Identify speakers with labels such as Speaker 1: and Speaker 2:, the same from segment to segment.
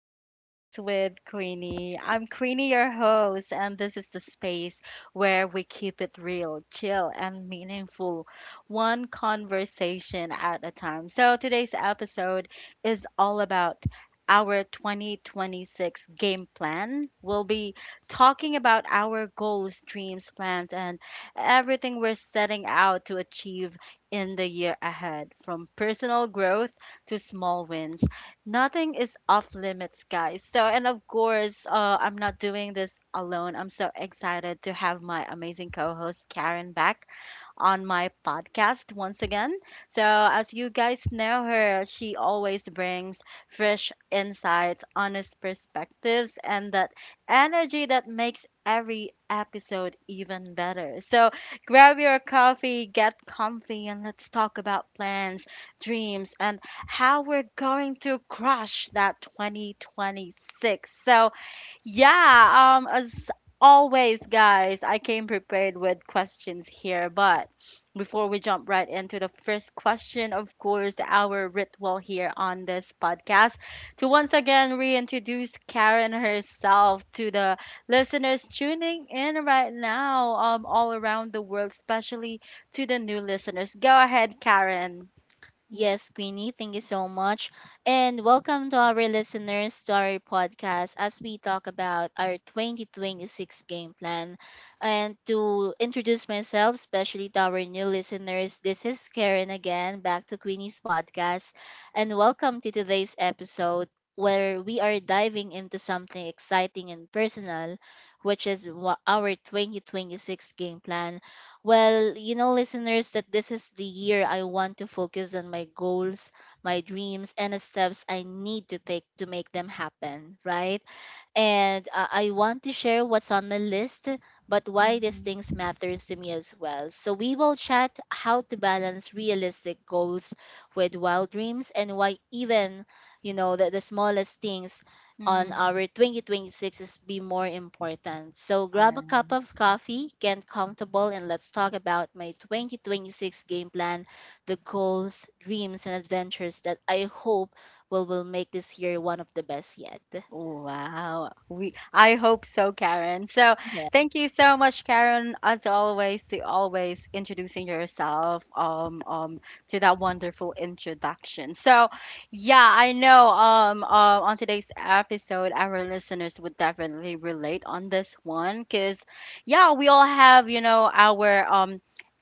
Speaker 1: Chill Talks with Queenie. I'm Queenie, your host, and this is the space where we keep it real, chill, and meaningful, one conversation at a time. So today's episode is all about our 2026 game plan. We'll be talking about our goals, dreams, plans, and everything we're setting out to achieve in the year ahead, from personal growth to small wins nothing is off limits, guys. So, and of course, I'm not doing this alone. I'm so excited to have my amazing co host, Karen, back on my podcast once again. So, as you guys know her, she always brings fresh insights, honest perspectives, and that energy that makes every episode even better. So, grab your coffee, get comfy, and let's talk about plans, dreams, and how we're going to crush that 2026. So, yeah, as always, guys, I came prepared with questions here, but before we jump right into the first question, of course, our ritual here on this podcast to once again reintroduce Karen herself to the listeners tuning in right now, all around the world, especially to the new listeners. Go ahead, Karen.
Speaker 2: Yes, Queenie, thank you so much. And welcome to our listeners to our podcast as we talk about our 2026 game plan. And to introduce myself, especially to our new listeners, this is Karen again, back to Queenie's podcast. And welcome to today's episode where we are diving into something exciting and personal, which is our 2026 game plan. Well, you know, listeners, that this is the year I want to focus on my goals, my dreams, and the steps I need to take to make them happen, right? And I want to share what's on my list, but why these
Speaker 1: Mm-hmm.
Speaker 2: things matters to me as well. So we will chat how to balance realistic goals with wild dreams and why even that the smallest things on our 2026 is be more important. So grab a cup
Speaker 1: Mm-hmm.
Speaker 2: of coffee, get comfortable, and let's talk about my 2026 game plan, the goals, dreams, and adventures that I hope will make this year one of the best yet.
Speaker 1: Wow. We I hope so, Karen. So thank you so much, Karen, as always, to always introducing yourself to that wonderful introduction. So yeah, I know on today's episode our listeners would definitely relate on this one because yeah, we all have, you know, our um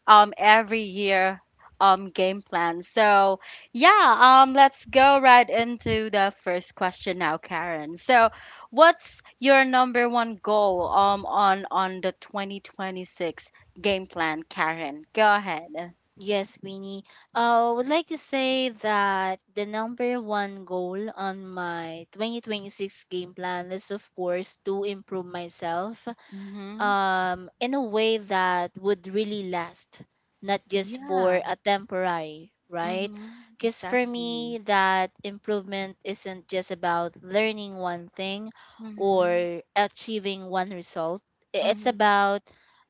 Speaker 1: um every year game plan. So yeah, let's go right into the first question now, Karen. So, what's your number one goal on the 2026 game plan, Karen? Go ahead.
Speaker 2: Yes, Queenie. I would like to say that the number one goal on my 2026 game plan is, of course, to improve myself
Speaker 1: Mm-hmm.
Speaker 2: in a way that would really last, not just for
Speaker 1: Yeah.
Speaker 2: a temporary, right?
Speaker 1: Mm-hmm.
Speaker 2: Because for me,
Speaker 1: Exactly.
Speaker 2: that improvement isn't just about learning one thing
Speaker 1: Mm-hmm.
Speaker 2: or achieving one result. It's
Speaker 1: Mm-hmm.
Speaker 2: about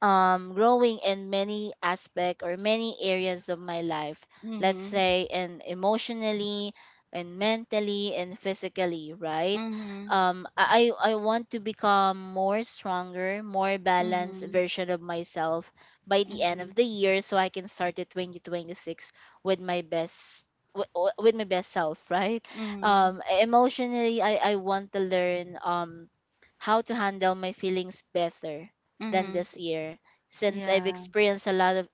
Speaker 2: growing in many aspect or many areas of my life. Let's
Speaker 1: Mm-hmm.
Speaker 2: say, in emotionally, and mentally, and physically, right?
Speaker 1: Mm-hmm.
Speaker 2: I want to become more stronger, more balanced
Speaker 1: Mm-hmm.
Speaker 2: version of myself by the end
Speaker 1: Mm-hmm.
Speaker 2: of the year so I can start the 2026 with my best with my best self, right?
Speaker 1: Mm-hmm.
Speaker 2: Emotionally, I want to learn how to handle my feelings better than
Speaker 1: Mm-hmm.
Speaker 2: this year since I've
Speaker 1: Yeah.
Speaker 2: experienced a lot of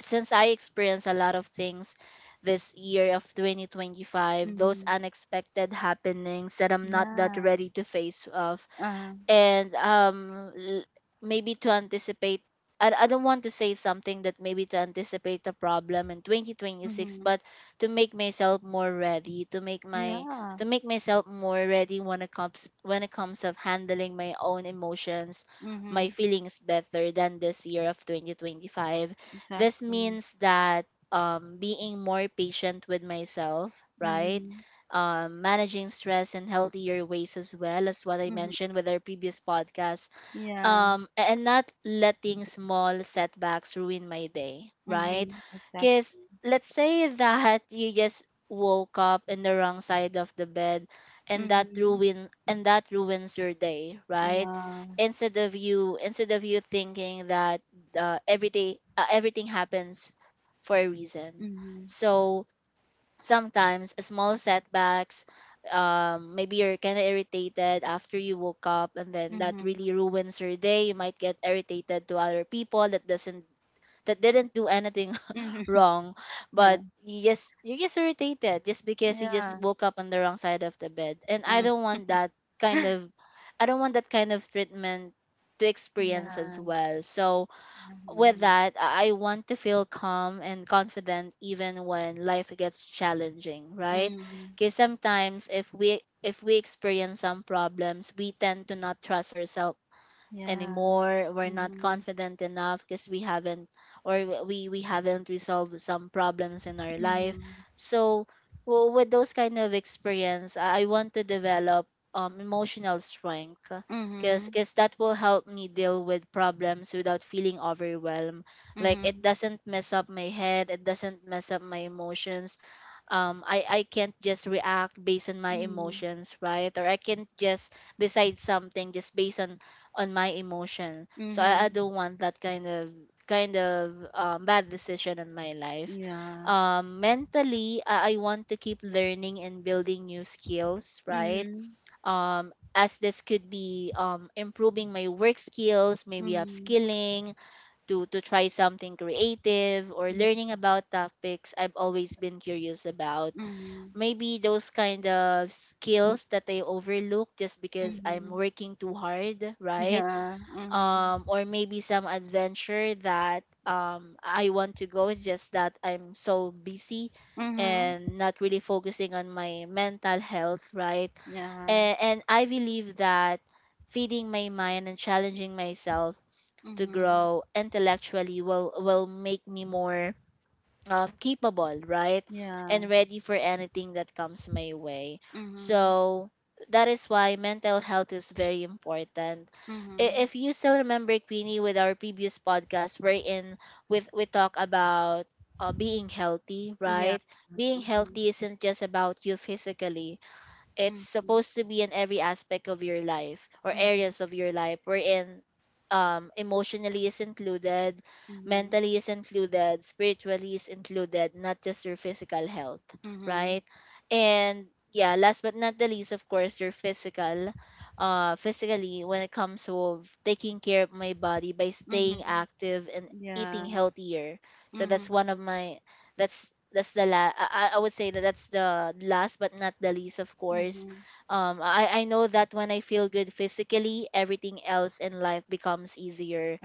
Speaker 2: since I experienced a lot of things this year of 2025, those
Speaker 1: Mm-hmm.
Speaker 2: unexpected happenings that I'm not that
Speaker 1: Yeah.
Speaker 2: ready to face of
Speaker 1: Uh-huh.
Speaker 2: and maybe to anticipate I don't want to say something that maybe to anticipate the problem in 2026
Speaker 1: Mm-hmm.
Speaker 2: but to make myself more ready
Speaker 1: Yeah.
Speaker 2: to make myself more ready when it comes of handling my own emotions,
Speaker 1: Mm-hmm.
Speaker 2: my feelings better than this year of 2025. This
Speaker 1: Exactly.
Speaker 2: means that being more patient with myself, right?
Speaker 1: Mm-hmm.
Speaker 2: Managing stress in healthier ways as well as what I
Speaker 1: Mhm.
Speaker 2: mentioned with our previous podcast,
Speaker 1: Yeah.
Speaker 2: and not letting small setbacks ruin my day, right?
Speaker 1: Mhm.
Speaker 2: Because
Speaker 1: Exactly.
Speaker 2: let's say that you just woke up in the wrong side of the bed and
Speaker 1: Mhm.
Speaker 2: that ruins your day, right?
Speaker 1: Yeah.
Speaker 2: Instead of you thinking that everything happens for a reason.
Speaker 1: Mhm.
Speaker 2: So sometimes small setbacks, maybe you're kind of irritated after you woke up and then
Speaker 1: Mhm.
Speaker 2: that
Speaker 1: Mhm.
Speaker 2: really ruins your day. You might get irritated to other people that didn't do anything wrong.
Speaker 1: Yeah.
Speaker 2: But you're just irritated just because you just
Speaker 1: Yeah.
Speaker 2: woke up on the wrong side of the bed, and I
Speaker 1: Mm.
Speaker 2: don't want that kind of treatment to experience as
Speaker 1: Yeah.
Speaker 2: well. So with
Speaker 1: Mhm.
Speaker 2: that, I want to feel calm and confident even when life gets challenging, right?
Speaker 1: Mhm.
Speaker 2: Because sometimes if we experience some problems, we tend to not trust ourselves
Speaker 1: Yeah.
Speaker 2: anymore. We're not
Speaker 1: Mhm.
Speaker 2: confident enough because we haven't resolved some problems in our life.
Speaker 1: Mhm.
Speaker 2: So with those kind of experience, I want to develop emotional strength. because
Speaker 1: Mhm.
Speaker 2: because that will help me deal with problems without feeling overwhelmed, like it
Speaker 1: Mhm.
Speaker 2: doesn't mess up my head, it doesn't mess up my emotions. I can't just react based on my
Speaker 1: Mhm.
Speaker 2: emotions, right? Or I can't just decide something just based on my emotion. So I
Speaker 1: Mhm.
Speaker 2: don't want that kind of bad decision in my life.
Speaker 1: Yeah.
Speaker 2: Mentally, I want to keep learning and building new skills, right?
Speaker 1: Mhm.
Speaker 2: As this could be improving my work skills, maybe
Speaker 1: Mhm.
Speaker 2: upskilling to try something creative or
Speaker 1: Yeah.
Speaker 2: learning about topics I've always been curious about,
Speaker 1: Mhm.
Speaker 2: maybe those kind of skills that I overlook just because I'm
Speaker 1: Mhm.
Speaker 2: working too hard, right?
Speaker 1: Yeah. Mhm.
Speaker 2: Or maybe some adventure that I want to go. It's just that I'm so busy
Speaker 1: Mhm.
Speaker 2: and not really focusing on my mental health, right?
Speaker 1: Yeah.
Speaker 2: And I believe that feeding my mind and challenging myself to
Speaker 1: Mhm.
Speaker 2: grow intellectually will make me more capable, right?
Speaker 1: Yeah.
Speaker 2: And ready for anything that comes my way.
Speaker 1: Mhm.
Speaker 2: So that is why mental health is very important. I-
Speaker 1: Mhm.
Speaker 2: If you still remember, Queenie, with our previous podcast, wherein with we talk about being healthy,
Speaker 1: Yeah.
Speaker 2: right? Being
Speaker 1: Mhm.
Speaker 2: healthy isn't just about you physically. It's
Speaker 1: Mhm.
Speaker 2: supposed to be in every aspect of your life or
Speaker 1: Mhm,
Speaker 2: areas of your life, wherein emotionally is included,
Speaker 1: mhm,
Speaker 2: mentally is included, spiritually is included, not just your physical health,
Speaker 1: mhm,
Speaker 2: right? And yeah, last but not the least, of course, your physical, physically, when it comes to taking care of my body by staying
Speaker 1: mhm.
Speaker 2: active and eating
Speaker 1: Yeah.
Speaker 2: healthier. So that's one of
Speaker 1: Mhm,
Speaker 2: my, that's the la- I would say that that's the last but not the least, of course.
Speaker 1: mhm.
Speaker 2: I know that when I feel good physically, everything else in life becomes easier.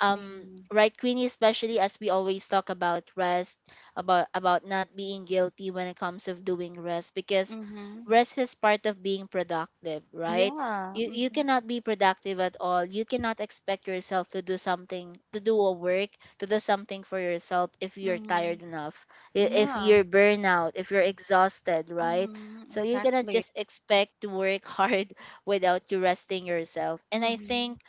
Speaker 2: um right, Queenie? Especially as we always talk about rest, about not being guilty when it comes of doing rest, because
Speaker 1: Mhm.
Speaker 2: rest is part of being productive, right?
Speaker 1: Yeah.
Speaker 2: You
Speaker 1: Mhm,
Speaker 2: cannot be productive at all. You cannot expect yourself to do something, to do a work, to do something for yourself if you're tired
Speaker 1: mhm.
Speaker 2: enough, if
Speaker 1: Yeah.
Speaker 2: you're burnout, if you're exhausted, right?
Speaker 1: Mhm.
Speaker 2: So you cannot
Speaker 1: Exactly.
Speaker 2: just expect to work hard without you resting yourself. And I
Speaker 1: Mhm,
Speaker 2: think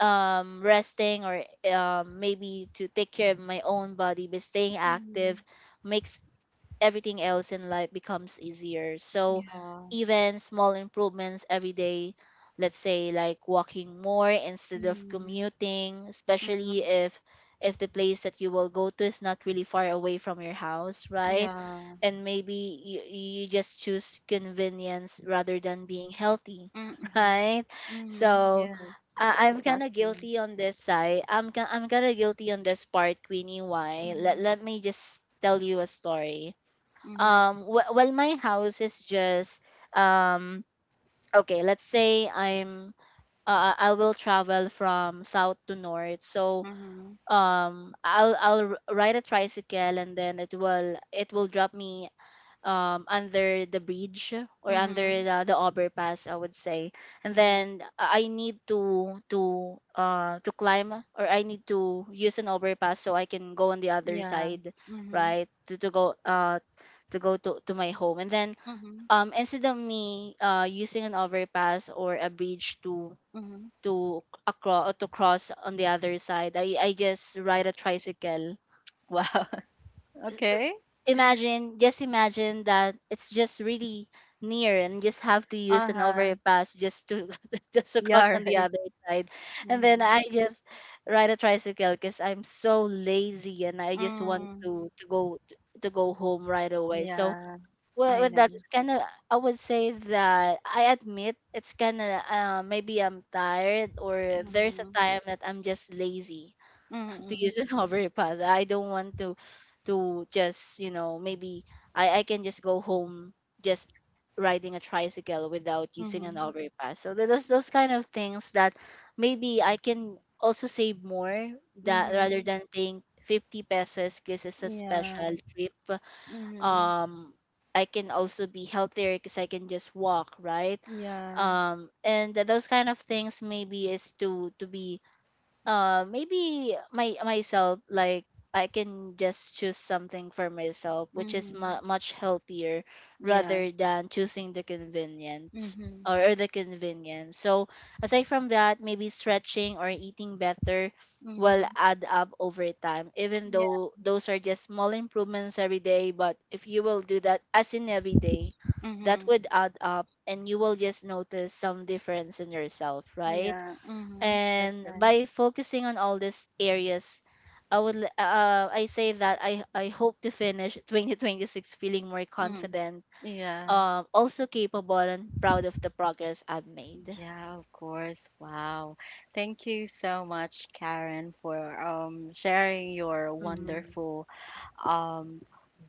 Speaker 2: resting, or maybe to take care of my own body but staying active,
Speaker 1: mhm.
Speaker 2: makes everything else in life becomes easier. So
Speaker 1: Yeah.
Speaker 2: even small improvements every day, let's say like walking more instead of
Speaker 1: Mhm,
Speaker 2: commuting, especially
Speaker 1: mhm.
Speaker 2: if the place that you will go to is not really far away from your house, right?
Speaker 1: Yeah.
Speaker 2: And maybe you just choose convenience rather than being healthy,
Speaker 1: Mhm,
Speaker 2: right?
Speaker 1: mhm.
Speaker 2: So
Speaker 1: Yeah.
Speaker 2: I'm kind of
Speaker 1: Exactly.
Speaker 2: guilty on this side. I'm kind of guilty on this part, Queenie. Why?
Speaker 1: Mhm,
Speaker 2: Let me just tell you a story.
Speaker 1: mhm,
Speaker 2: Well, my house is just um okay, let's say I will travel from south to north. So
Speaker 1: mhm,
Speaker 2: I'll ride a tricycle and then it will drop me under the bridge, or under
Speaker 1: mhm,
Speaker 2: the overpass, I would say. And
Speaker 1: mhm.
Speaker 2: then I need to climb, or I need to use an overpass so I can go on the other
Speaker 1: Yeah.
Speaker 2: side,
Speaker 1: Mhm,
Speaker 2: right? To go to my home. And then
Speaker 1: mhm,
Speaker 2: instead of me using an overpass or a bridge to
Speaker 1: mhm.
Speaker 2: to across to cross on the other side, I just ride a tricycle.
Speaker 1: Wow.
Speaker 2: s- er,
Speaker 1: Okay.
Speaker 2: Imagine, just imagine that it's just really near and just have to use an
Speaker 1: Uh-huh.
Speaker 2: overpass just to just to cross
Speaker 1: Yeah,
Speaker 2: on the
Speaker 1: right.
Speaker 2: other side, and then
Speaker 1: Mhm.
Speaker 2: I just ride a tricycle because I'm so lazy and I just want
Speaker 1: Mm,
Speaker 2: to go, to go home right away. So
Speaker 1: yeah, I
Speaker 2: with that,
Speaker 1: know.
Speaker 2: it's kind of, I would say that I admit it's kind of maybe I'm tired, or there's a
Speaker 1: Mhm.
Speaker 2: time that I'm just lazy to
Speaker 1: Mm,
Speaker 2: use an overpass. I don't want to just, you know, maybe I can just go home, just riding a tricycle without using an
Speaker 1: mhm.
Speaker 2: overpass. So those kind of things that maybe I can also save more, that rather
Speaker 1: Mhm.
Speaker 2: than paying 50 pesos because it's a
Speaker 1: Yeah.
Speaker 2: special trip.
Speaker 1: Mhm.
Speaker 2: Um I can also be healthier because I can just walk, right?
Speaker 1: Yeah.
Speaker 2: And those kind of things maybe is to be maybe my myself, like I can just choose something for myself which is
Speaker 1: Mhm.
Speaker 2: much healthier
Speaker 1: Yeah.
Speaker 2: rather than choosing the convenience,
Speaker 1: Mhm.
Speaker 2: or the convenience. So aside from that, maybe stretching or eating better will
Speaker 1: Mhm.
Speaker 2: add up over time, even
Speaker 1: Yeah.
Speaker 2: though those are just small improvements every day. But if you will do that as in every day, that
Speaker 1: Mhm.
Speaker 2: would add up and you will just notice some difference in yourself, right?
Speaker 1: Yeah. Mhm. That's
Speaker 2: And
Speaker 1: right.
Speaker 2: by focusing on all these areas, I say that I hope to finish 2026 feeling more
Speaker 1: Mm.
Speaker 2: confident,
Speaker 1: Yeah.
Speaker 2: also capable and proud of the progress I've made.
Speaker 1: Yeah, of course. Wow. Thank you so much, Karen, for sharing your
Speaker 2: Mhm.
Speaker 1: wonderful um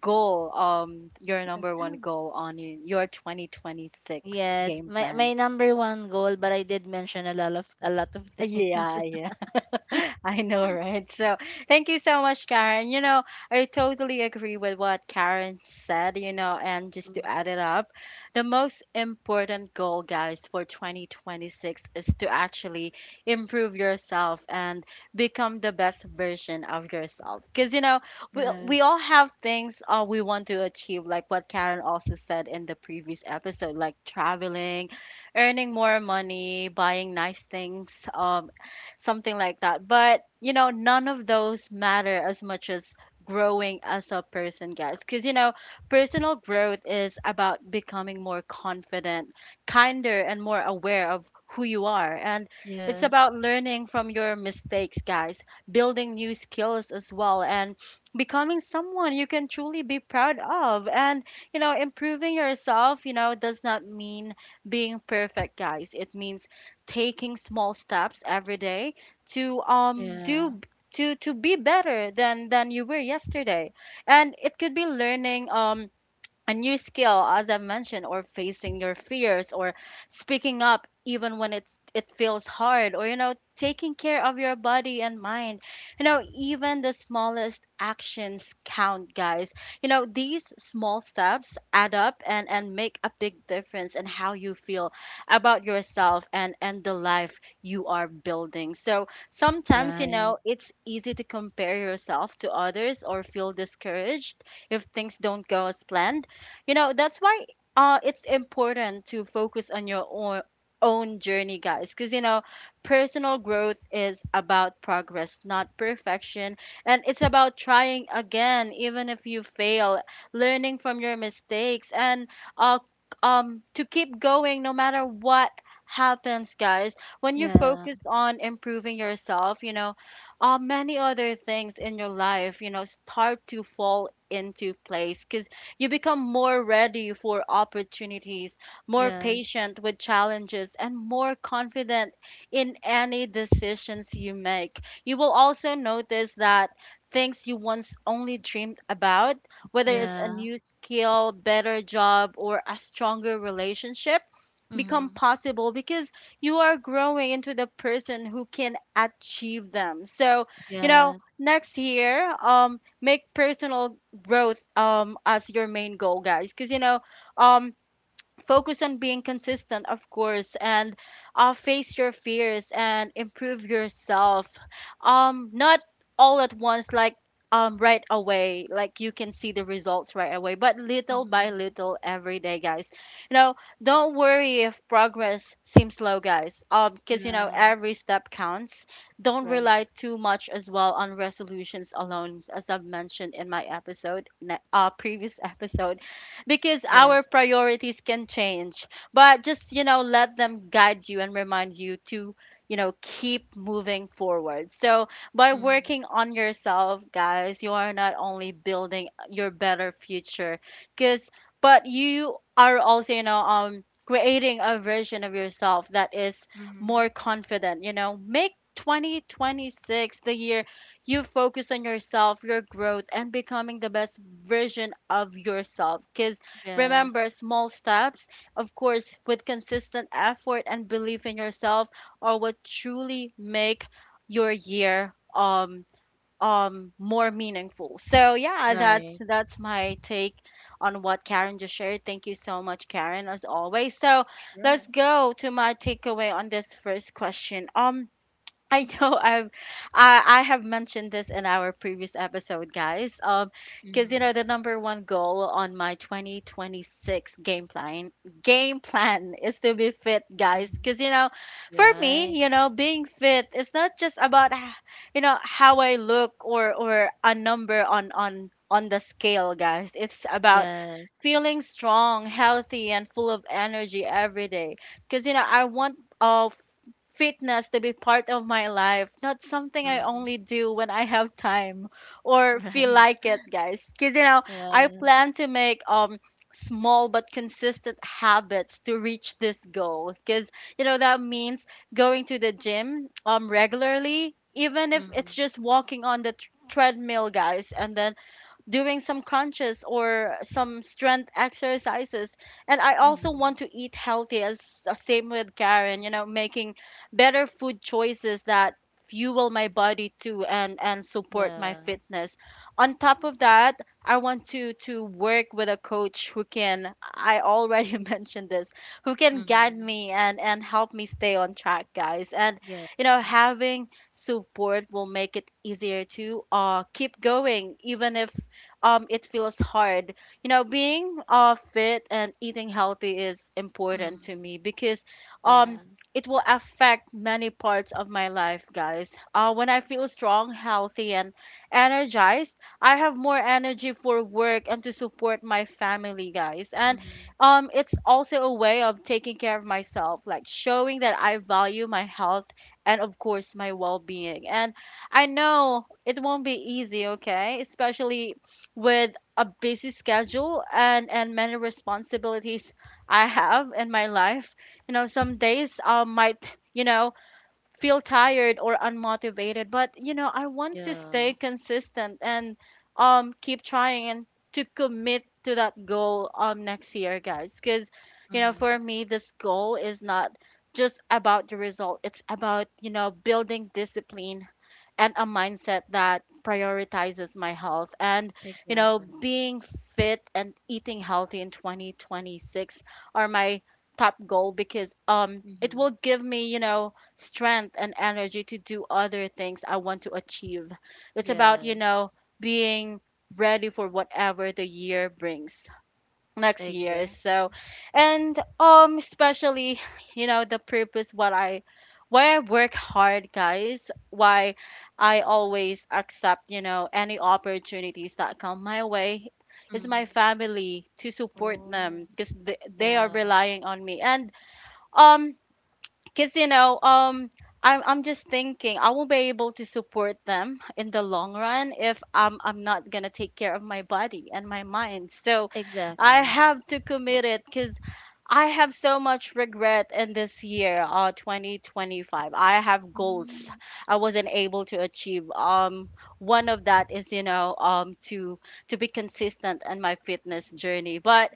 Speaker 1: goal, your number one goal on your 2026
Speaker 2: Yes,
Speaker 1: game
Speaker 2: my
Speaker 1: plan?
Speaker 2: number one goal, but I did mention a lot of things.
Speaker 1: Yeah, yeah. I know, right? So, thank you so much, Karen. You know, I totally agree with what Karen said, you know, and just
Speaker 2: Mm.
Speaker 1: to add it up, the most important goal, guys, for 2026 is to actually improve yourself and become the best version of yourself. Because, you know, we
Speaker 2: Yes.
Speaker 1: all have things we want to achieve, like what Karen also said in the previous episode, like traveling, earning more money, buying nice things, something like that. But, you know, none of those matter as much as growing as a person, guys. Because, you know, personal growth is about becoming more confident, kinder, and more aware of who you are. And it's about
Speaker 2: Yes.
Speaker 1: learning from your mistakes, guys, building new skills as well, and becoming someone you can truly be proud of. And, you know, improving yourself, you know, does not mean being perfect, guys. It means taking small steps every day to
Speaker 2: Yeah.
Speaker 1: do to be better than you were yesterday, and it could be learning a new skill, as I mentioned, or facing your fears, or speaking up even when it feels hard, or you know, taking care of your body and mind. You know, even the smallest actions count, guys. You know, these small steps add up and make a big difference in how you feel about yourself and the life you are building. So sometimes, you
Speaker 2: Right.
Speaker 1: know, it's easy to compare yourself to others or feel discouraged if things don't go as planned. You know, that's why it's important to focus on your own journey, guys, because you know personal growth is about progress, not perfection, and it's about trying again even if you fail, learning from your mistakes, and uh, to keep going no matter what happens, guys. When you
Speaker 2: Yeah.
Speaker 1: focus on improving yourself, you know, many other things in your life, you know, start to fall into place, 'cause you become more ready for opportunities, more
Speaker 2: Yes.
Speaker 1: patient with challenges, and more confident in any decisions you make. You will also notice that things you once only dreamed about, whether it's a
Speaker 2: Yeah.
Speaker 1: new skill, better job, or a stronger relationship, become
Speaker 2: Mm-hmm.
Speaker 1: possible because you are growing into the person who can achieve them. So, you know,
Speaker 2: Yes.
Speaker 1: next year, make personal growth as your main goal, guys, because you know um focus on being consistent, of course, and face your fears and improve yourself, um, not all at once like right away, like you can see the results right away, but little by
Speaker 2: Mm-hmm.
Speaker 1: little every day, guys. You know, don't worry if progress seems slow, guys, um, because you know
Speaker 2: Yeah.
Speaker 1: every step counts. Don't
Speaker 2: Right.
Speaker 1: rely too much as well on resolutions alone, as I've mentioned in my episode previous episode, because our
Speaker 2: Yes.
Speaker 1: priorities can change. But just, you know, let them guide you and remind you to, you know, keep moving forward. So by
Speaker 2: Mm-hmm.
Speaker 1: working on yourself, guys, you are not only building your better future, because but you are also, you know, creating a version of yourself that is
Speaker 2: Mm-hmm.
Speaker 1: more confident. You know, make 2026 the year you focus on yourself, your growth, and becoming the best version of yourself. Because
Speaker 2: Yes.
Speaker 1: Remember, small steps, of course, with consistent effort and belief in yourself are what truly make your year more meaningful. So yeah,
Speaker 2: Right.
Speaker 1: that's my take on what Karen just shared. Thank you so much, Karen, as always. So let's
Speaker 2: Sure.
Speaker 1: go to my takeaway on this first question. Um, I know I have mentioned this in our previous episode, guys. Because you
Speaker 2: Mm-hmm.
Speaker 1: know the number one goal on my 2026 game plan is to be fit, guys.
Speaker 2: Mm-hmm.
Speaker 1: Because you know, for me,
Speaker 2: Right.
Speaker 1: you know, being fit is not just about you know how I look, or a number on the scale, guys. It's about
Speaker 2: Yes.
Speaker 1: feeling strong, healthy, and full of energy every day. Because you know, I want fitness to be part of my life, not something I
Speaker 2: Mm-hmm.
Speaker 1: only do when I have time or feel
Speaker 2: Right.
Speaker 1: like it, guys. Because, you know, I
Speaker 2: Yeah.
Speaker 1: plan to make small but consistent habits to reach this goal, because you know that means going to the gym regularly, even if
Speaker 2: Mm-hmm.
Speaker 1: it's just walking on the treadmill, guys, and then doing some crunches or some strength exercises. And I also
Speaker 2: Mm-hmm.
Speaker 1: want to eat healthy, as same with Karen, you know, making better food choices that fuel my body too and support my
Speaker 2: Yeah.
Speaker 1: fitness. On top of that, I want to work with a coach who can — I already mentioned this — who can guide
Speaker 2: Mm-hmm.
Speaker 1: me and help me stay on track, guys. And
Speaker 2: Yes.
Speaker 1: you know, having support will make it easier to keep going, even if it feels hard. You know, being fit and eating healthy is important to
Speaker 2: Mm-hmm.
Speaker 1: me because um
Speaker 2: Yeah.
Speaker 1: it will affect many parts of my life, guys. When I feel strong, healthy, and energized, I have more energy for work and to support my family, guys. And
Speaker 2: Mm-hmm.
Speaker 1: it's also a way of taking care of myself, like showing that I value my health and, of course, my well being. And I know it won't be easy, okay? Especially with a busy schedule and many responsibilities I have in my life. You know, some days I might, you know, feel tired or unmotivated, but you know, I want to
Speaker 2: Yeah.
Speaker 1: stay consistent and keep trying and to commit to that goal next year, guys, cuz you know,
Speaker 2: Mm-hmm.
Speaker 1: for me this goal is not just about the result. It's about, you know, building discipline and a mindset that prioritizes my health. And, you know,
Speaker 2: Exactly.
Speaker 1: being fit and eating healthy in 2026 are my top goal because it
Speaker 2: Mm-hmm.
Speaker 1: will give me, you know, strength and energy to do other things I want to achieve. It's about,
Speaker 2: Yes.
Speaker 1: being ready for whatever the year brings next year. So
Speaker 2: Exactly.
Speaker 1: and especially you know the purpose, what i, why I work hard, guys, why I always accept, you know, any opportunities that come my way is my
Speaker 2: Mm-hmm.
Speaker 1: family, to support
Speaker 2: Oh.
Speaker 1: them because they are
Speaker 2: Yeah.
Speaker 1: relying on me. And um because you know, I'm just thinking I won't be able to support them in the long run if I'm not going to take care of my body and my mind. So I
Speaker 2: Exactly.
Speaker 1: have to commit it because I have so much regret in this year, 2025. I have goals
Speaker 2: Mm-hmm.
Speaker 1: I wasn't able to achieve. One of that is, you know, to be consistent in my fitness journey. But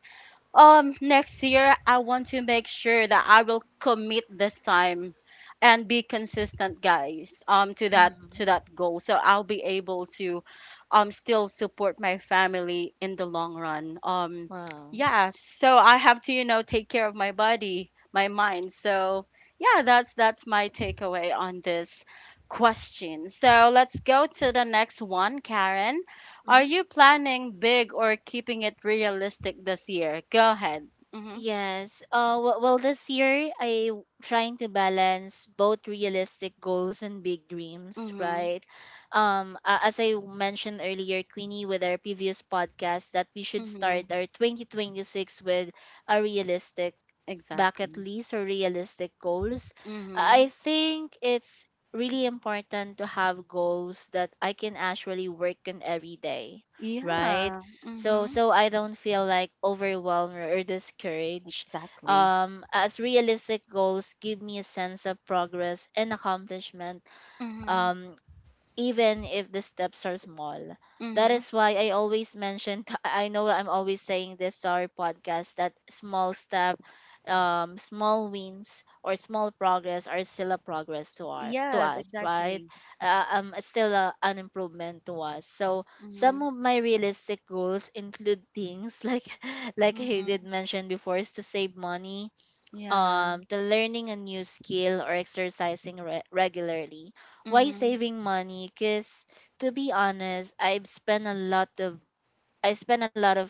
Speaker 1: next year, I want to make sure that I will commit this time and be consistent, guys, to that goal. So I'll be able to still support my family in the long run.
Speaker 2: Wow.
Speaker 1: Yeah, so I have to, you know, take care of my body, my mind. So yeah, that's my takeaway on this question. So let's go to the next one, Karen. Are you planning big or keeping it realistic this year? Go ahead. Mhm.
Speaker 2: Yes. Well, this year I w- trying to balance both realistic goals and big dreams,
Speaker 1: Mhm.
Speaker 2: right? As I mentioned earlier, Queenie, with our previous podcast, that we should
Speaker 1: Mhm.
Speaker 2: start our 2026 with a realistic bucket
Speaker 1: Exactly.
Speaker 2: list or realistic goals. I
Speaker 1: Mhm.
Speaker 2: think it's really important to have goals that I can actually work on every day, right?
Speaker 1: Yeah.
Speaker 2: So
Speaker 1: Mhm.
Speaker 2: so I don't feel like overwhelmed or discouraged.
Speaker 1: Exactly.
Speaker 2: As realistic goals give me a sense of progress and accomplishment.
Speaker 1: Mhm.
Speaker 2: Um, Even if the steps are small. That
Speaker 1: Mhm.
Speaker 2: is why I always mention, I know I'm always saying this to our podcast that small step, small wins or small progress are still a progress to our to
Speaker 1: Yes,
Speaker 2: us, right?
Speaker 1: exactly.
Speaker 2: It's still an improvement to us. So some
Speaker 1: Mhm.
Speaker 2: of my realistic goals include things like like I
Speaker 1: Mhm.
Speaker 2: did mention before is to save money,
Speaker 1: Yeah.
Speaker 2: to learning a new skill or exercising regularly. Why
Speaker 1: Mhm.
Speaker 2: saving money? Because to be honest, I spent a lot of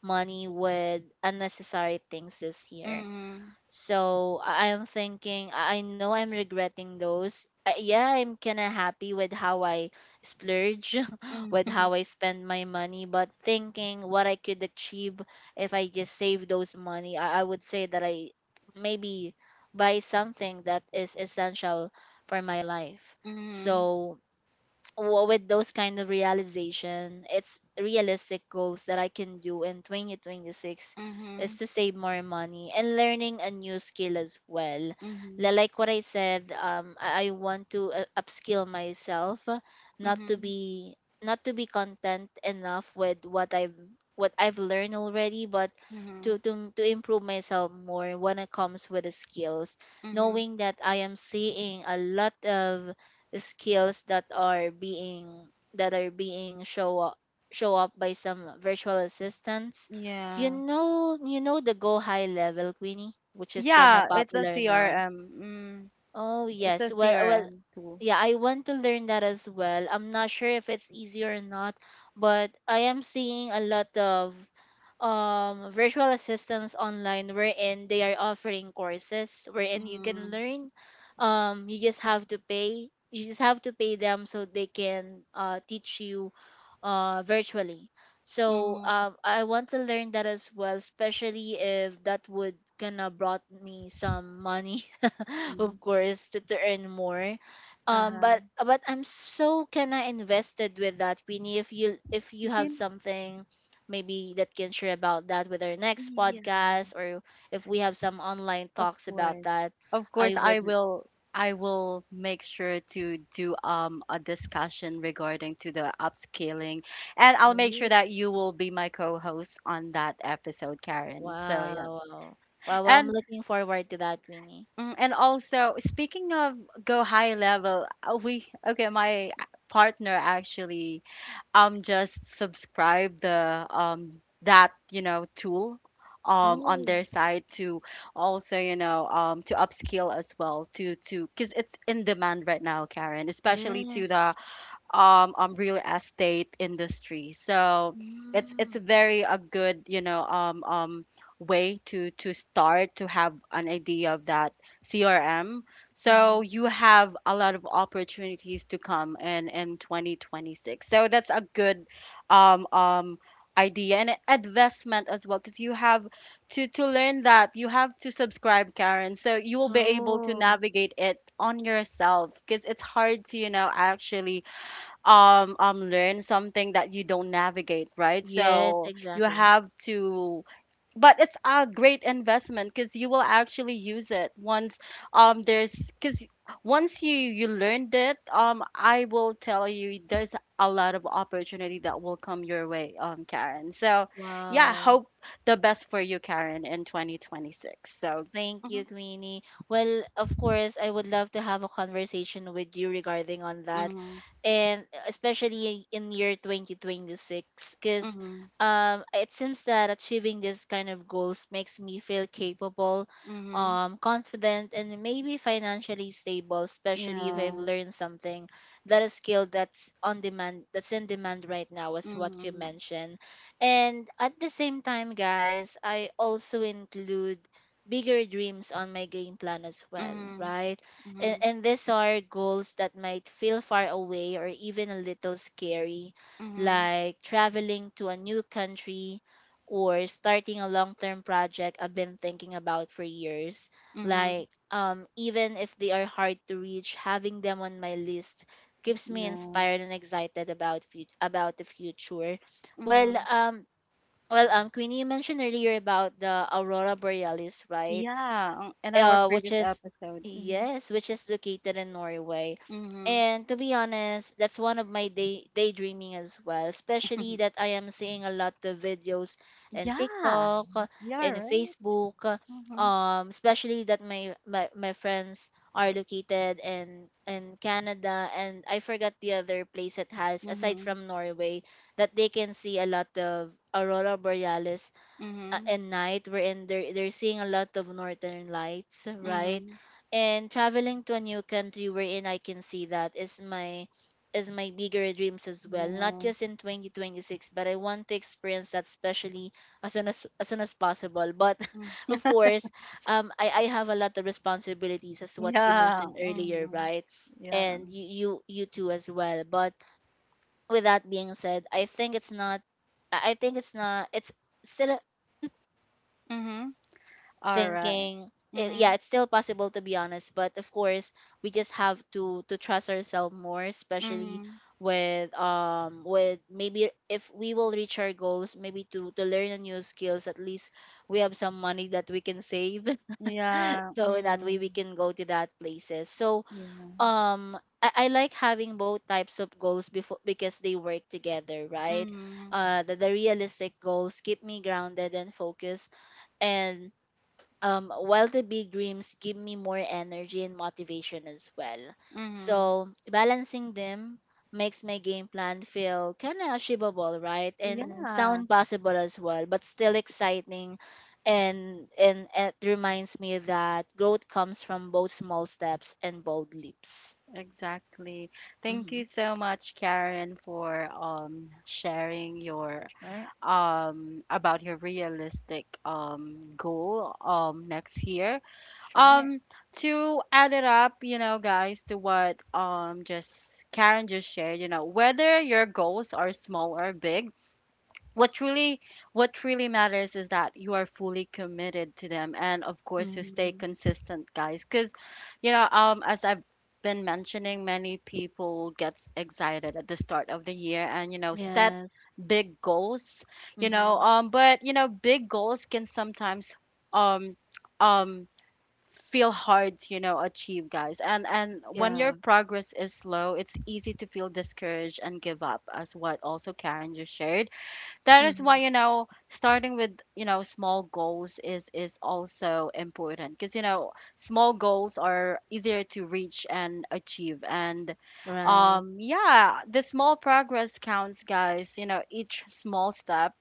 Speaker 2: money with unnecessary things this year.
Speaker 1: Mhm.
Speaker 2: So I am thinking, I know I'm regretting those. Yeah, I'm kind of happy with how I splurge, with
Speaker 1: Mhm.
Speaker 2: how I spend my money, but thinking what I could achieve if I just save those money, I would say that I maybe buy something that is essential for my life.
Speaker 1: Mhm.
Speaker 2: So with those kind of realization, it's realistic goals that I can do in 2026 is
Speaker 1: Mhm.
Speaker 2: to save more money and learning a new skill as well.
Speaker 1: Mhm.
Speaker 2: Like what I said, I want to upskill myself, not to
Speaker 1: Mhm.
Speaker 2: be content enough with what I've learned already, but
Speaker 1: Mhm.
Speaker 2: to improve myself more when it comes with the skills,
Speaker 1: Mhm.
Speaker 2: knowing that I am seeing a lot of skills that are being show up by some virtual assistants. You
Speaker 1: Yeah.
Speaker 2: know you know the Go High Level, Queenie, which is kinda
Speaker 1: Yeah, it's a
Speaker 2: popular now.
Speaker 1: CRM. Mm.
Speaker 2: Oh
Speaker 1: It's a
Speaker 2: yes. Well,
Speaker 1: CRM
Speaker 2: yeah, I want to learn that as well. I'm not sure if it's easy or not, but I am seeing a lot of virtual assistants online wherein they are offering courses wherein you can
Speaker 1: tool.
Speaker 2: learn. You just have to pay them so they can teach you virtually. So
Speaker 1: Mm.
Speaker 2: I want to learn that as well, especially if that would gonna brought me some money of course to earn more,
Speaker 1: Uh,
Speaker 2: but I'm so kind of invested with that, Queenie. If you have
Speaker 1: yun,
Speaker 2: something maybe that can share about that with our next
Speaker 1: yeah,
Speaker 2: podcast or if we have some online
Speaker 1: of
Speaker 2: talks about
Speaker 1: course.
Speaker 2: that,
Speaker 1: Of
Speaker 2: I
Speaker 1: course, I
Speaker 2: would.
Speaker 1: will, I will make sure to do a discussion regarding to the upscaling, and I'll make
Speaker 2: Oh,
Speaker 1: sure that you will be my co-host on that episode, Karen. So, yeah.
Speaker 2: wow, well, I'm
Speaker 1: And
Speaker 2: looking forward to that, Queenie.
Speaker 1: mm, and also speaking of go high level, we okay, my partner actually just subscribe the that, you know, tool on
Speaker 2: Oh
Speaker 1: their side to also, you know, to upskill as well, to because it's in demand right now, Karen, especially to the
Speaker 2: yes.
Speaker 1: um real estate industry. So it's
Speaker 2: Mm.
Speaker 1: very a good, you know, um, way to start to have an idea of that CRM. So
Speaker 2: Mm.
Speaker 1: you have a lot of opportunities to come in 2026. So that's a good um, idea and investment as well, because you have to learn that. You have to subscribe, Karen, so you will be able to
Speaker 2: Oh
Speaker 1: navigate it on yourself, because it's hard to, you know, actually um, learn something that you don't navigate, right?
Speaker 2: yes.
Speaker 1: So you
Speaker 2: Exactly.
Speaker 1: have to, but it's a great investment because you will actually use it once there's because once you learned it, I will tell you, there's a lot of opportunity that will come your way, Karen. So yeah,
Speaker 2: Wow.
Speaker 1: hope the best for you, Karen, in 2026. So
Speaker 2: Thank
Speaker 1: mhm,
Speaker 2: you, Queenie. Well, of course, I would love to have a conversation with you regarding on that,
Speaker 1: mhm,
Speaker 2: and especially in year 2026, because
Speaker 1: mhm,
Speaker 2: it seems that achieving this kind of goals makes me feel capable,
Speaker 1: mhm,
Speaker 2: confident, and maybe financially stable, especially if I've
Speaker 1: yeah,
Speaker 2: learned something that a skill that's on demand, that's in demand right now, is what you
Speaker 1: mhm,
Speaker 2: mentioned. And at the same time, guys, I also include bigger dreams on my game plan as well,
Speaker 1: mhm,
Speaker 2: right? And,
Speaker 1: mhm,
Speaker 2: and these are goals that might feel far away or even a little scary,
Speaker 1: mhm.
Speaker 2: like traveling to a new country or starting a long term project I've been thinking about for years.
Speaker 1: Mhm.
Speaker 2: Like, even if they are hard to reach, having them on my list keeps me
Speaker 1: No.
Speaker 2: inspired and excited about about the future. Well,
Speaker 1: Mhm.
Speaker 2: um, well, Queenie, you mentioned earlier about the aurora borealis, right?
Speaker 1: Yeah, on in our
Speaker 2: Which
Speaker 1: previous
Speaker 2: is
Speaker 1: episode. Mhm.
Speaker 2: Yes, which is located in Norway.
Speaker 1: Mhm.
Speaker 2: And to be honest, that's one of my daydreaming as well, especially that I am seeing a lot of videos in
Speaker 1: Yeah.
Speaker 2: TikTok,
Speaker 1: Yeah,
Speaker 2: in
Speaker 1: right?
Speaker 2: Facebook,
Speaker 1: Mhm.
Speaker 2: especially that my friends are located in Canada and I forgot the other place it has aside
Speaker 1: Mhm.
Speaker 2: from Norway that they can see a lot of aurora borealis
Speaker 1: Mhm.
Speaker 2: at night wherein they're seeing a lot of northern lights, right?
Speaker 1: Mhm.
Speaker 2: And traveling to a new country wherein I can see that is my bigger dreams as well. Not
Speaker 1: Yeah.
Speaker 2: just in 2026, but I want to experience that especially as soon as possible. But
Speaker 1: Mm.
Speaker 2: of course, I have a lot of responsibilities as what you
Speaker 1: Yeah.
Speaker 2: mentioned earlier,
Speaker 1: Mhm.
Speaker 2: right?
Speaker 1: Yeah.
Speaker 2: And you too as well. But with that being said, I think it's not. It's still possible to be
Speaker 1: Mhm.
Speaker 2: honest.
Speaker 1: All right.
Speaker 2: Thinking. Yeah,
Speaker 1: Mhm.
Speaker 2: it's still possible to be honest. But of course, we just have to trust ourselves more, especially
Speaker 1: Mhm.
Speaker 2: with maybe if we will reach our goals maybe to learn a new skills at least we have some money that we can save
Speaker 1: Yeah.
Speaker 2: so that way we
Speaker 1: Mhm.
Speaker 2: can go to that places. So
Speaker 1: Yeah.
Speaker 2: I like having both types of goals before because they work together, right?
Speaker 1: Mhm.
Speaker 2: The realistic goals keep me grounded and focused, and while the big dreams give me more energy and motivation as well.
Speaker 1: Mhm.
Speaker 2: So balancing them makes my game plan feel kind of achievable, right? And
Speaker 1: Yeah.
Speaker 2: sound possible as well, but still exciting, and it reminds me that growth comes from both small steps and bold leaps.
Speaker 1: Exactly. Thank
Speaker 2: Mm-hmm.
Speaker 1: you so much, Karen, for sharing your
Speaker 2: Sure.
Speaker 1: about your realistic goal next year.
Speaker 2: Sure.
Speaker 1: Um to add it up, you know, guys, to what just Karen just shared, you know, whether your goals are small or big, what really what really matters is that you are fully committed to them, and of course to stay
Speaker 2: Mm-hmm.
Speaker 1: consistent, guys. Because you know, as I've been mentioning, many people gets excited at the start of the year, and you know, set
Speaker 2: Yes.
Speaker 1: big goals. You know,
Speaker 2: Mm-hmm.
Speaker 1: but you know, big goals can sometimes um um, feel hard to, you know, achieve, guys. And when your
Speaker 2: Yeah.
Speaker 1: progress is slow, it's easy to feel discouraged and give up, as what also Karen just shared. That is why,
Speaker 2: Mm-hmm.
Speaker 1: you know, starting with, you know, small goals is also important because, you know, small goals are easier to reach and achieve. And
Speaker 2: Right.
Speaker 1: yeah, the small progress counts, guys. You know, each small step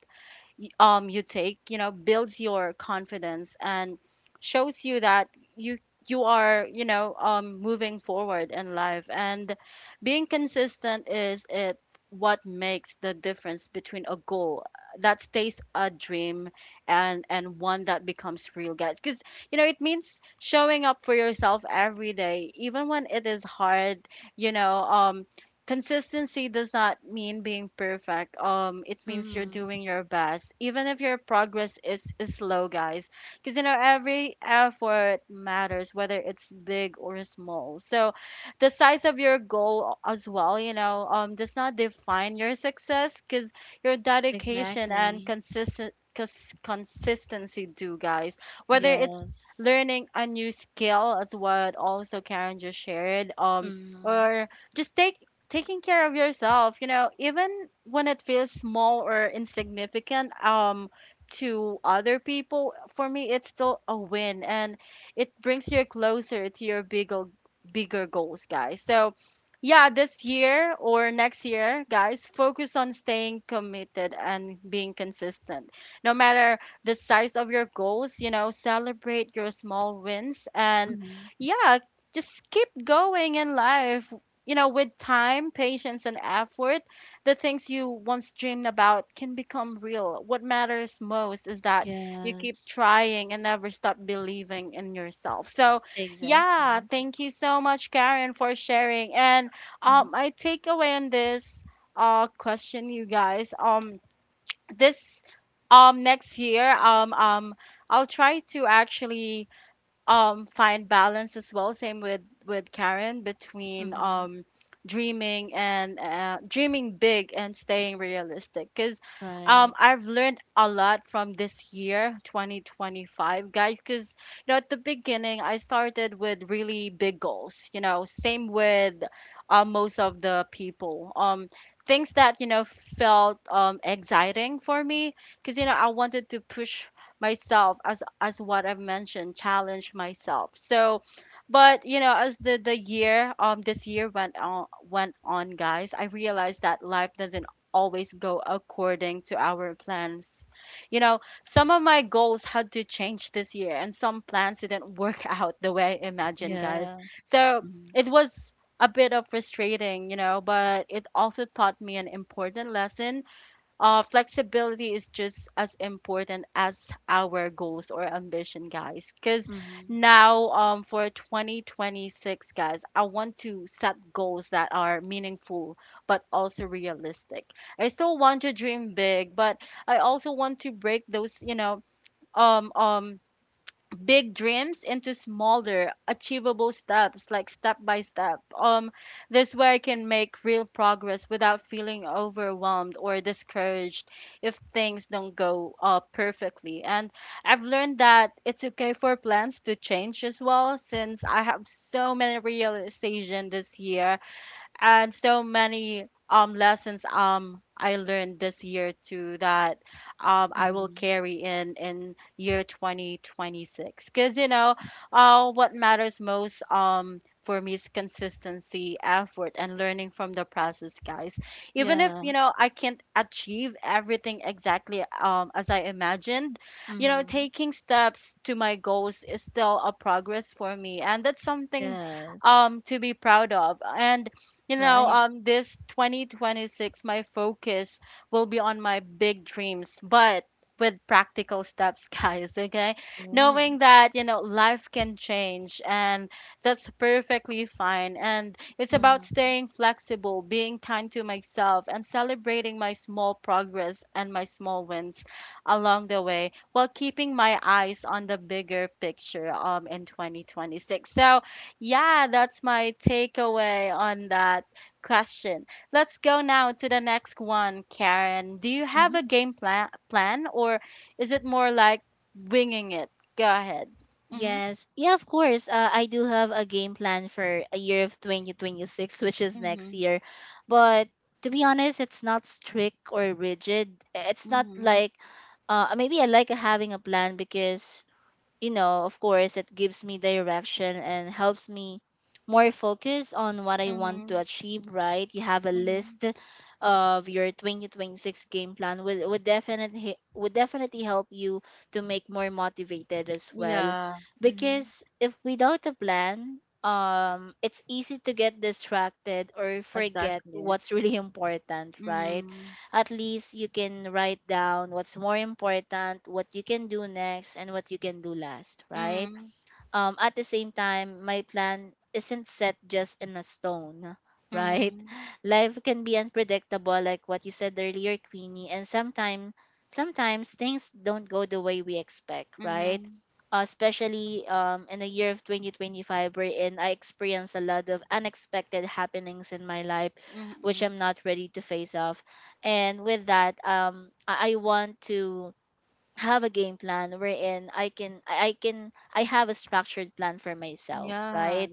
Speaker 1: you take, you know, builds your confidence and shows you that you you are, you know, moving forward in life. And being consistent is it what makes the difference between a goal that stays a dream and one that becomes real, guys. Because you know, it means showing up for yourself every day, even when it is hard. You know, consistency does not mean being perfect. Um, it means you're
Speaker 2: Mm-hmm.
Speaker 1: doing your best even if your progress is slow, guys. Because you know, every effort matters, whether it's big or small. So the size of your goal as well, you know, does not define your success, because your dedication and
Speaker 2: Exactly.
Speaker 1: consistency do, guys. Whether it's
Speaker 2: Yes.
Speaker 1: learning a new skill, as what also Karen just shared,
Speaker 2: Mm-hmm.
Speaker 1: or just taking, taking care of yourself, you know, even when it feels small or insignificant to other people, for me it's still a win. And it brings you closer to your bigger goals, guys. So yeah, this year or next year, guys, focus on staying committed and being consistent, no matter the size of your goals. You know, celebrate your small wins, and
Speaker 2: Mm-hmm.
Speaker 1: yeah, just keep going in life. You know, with time, patience, and effort, the things you once dreamed about can become real. What matters most is that you keep
Speaker 2: Yes.
Speaker 1: trying and never stop believing in yourself. So, yeah,
Speaker 2: Exactly.
Speaker 1: thank you so much, Karen, for sharing. And
Speaker 2: Mm-hmm.
Speaker 1: my takeaway on this question, you guys, this next year, I'll try to actually find balance as well, same with Karen, between
Speaker 2: Mm-hmm.
Speaker 1: dreaming and dreaming big and staying realistic. Because
Speaker 2: Right.
Speaker 1: I've learned a lot from this year 2025, guys. Because you know, at the beginning, I started with really big goals, you know, same with most of the people, things that, you know, felt exciting for me, because you know, I wanted to push myself as what I've mentioned, challenge myself. So, but you know, as the year, this year went on, guys, I realized that life doesn't always go according to our plans. You know, some of my goals had to change this year, and some plans didn't work out the way I imagined, guys.
Speaker 2: Yeah.
Speaker 1: So,
Speaker 2: Mm-hmm.
Speaker 1: it was a bit of frustrating, you know, but it also taught me an important lesson. Flexibility is just as important as our goals or ambition, guys. Because
Speaker 2: Mm-hmm.
Speaker 1: now, for 2026, guys, I want to set goals that are meaningful but also realistic. I still want to dream big, but I also want to break those, you know, um, um, big dreams into smaller achievable steps, like step by step. Um, this way I can make real progress without feeling overwhelmed or discouraged if things don't go perfectly. And I've learned that it's okay for plans to change as well, since I have so many realizations this year, and so many lessons I learned this year too, that I will
Speaker 2: Mm-hmm.
Speaker 1: carry in year 2026. Cuz you know, what matters most for me is consistency, effort, and learning from the process, guys. Even if, you
Speaker 2: Yeah.
Speaker 1: know, I can't achieve everything exactly as I imagined, you know,
Speaker 2: Mm-hmm.
Speaker 1: taking steps to my goals is still a progress for me, and that's something
Speaker 2: Yes.
Speaker 1: to be proud of. And you know,
Speaker 2: Right.
Speaker 1: this 2026, my focus will be on my big dreams, but with practical steps, guys, okay?
Speaker 2: Oh.
Speaker 1: Knowing that, you know, life can change and that's perfectly fine. And it's
Speaker 2: Mm-hmm.
Speaker 1: about staying flexible, being kind to myself, and celebrating my small progress and my small wins along the way, while keeping my eyes on the bigger picture in 2026. So, yeah, that's my takeaway on that question. Let's go now to the next one, Karen. Do you have a game plan or is it more like winging it? Go ahead. Mhm.
Speaker 2: Yes. Yeah, of course. I do have a game plan for a year of 2026, which is next
Speaker 1: Mhm.
Speaker 2: year. But to be honest, it's not strict or rigid. It's not
Speaker 1: Mhm.
Speaker 2: like Maybe I like having a plan because you know, of course, it gives me direction and helps me more focus on what I want
Speaker 1: Mhm.
Speaker 2: to achieve, right? You have a
Speaker 1: Mhm.
Speaker 2: list of your 2026 game plan would, would definitely help you to make more motivated as well
Speaker 1: Yeah. Mhm.
Speaker 2: because if without a plan it's easy to get distracted or forget
Speaker 1: Exactly.
Speaker 2: what's really important, right?
Speaker 1: Mhm.
Speaker 2: At least you can write down what's more important, what you can do next, and what you can do last, right?
Speaker 1: Mhm.
Speaker 2: At the same time, my plan isn't set just in a stone, right?
Speaker 1: Mhm.
Speaker 2: Life can be unpredictable, like what you said earlier, Queenie, and sometimes things don't go the way we expect, right?
Speaker 1: Mhm.
Speaker 2: Especially in the year of 2025, wherein I experienced a lot of unexpected happenings in my life, which I'm
Speaker 1: Mhm.
Speaker 2: not ready to face off. And with that, I want to have a game plan wherein I have a structured plan for myself,
Speaker 1: Yeah,
Speaker 2: right?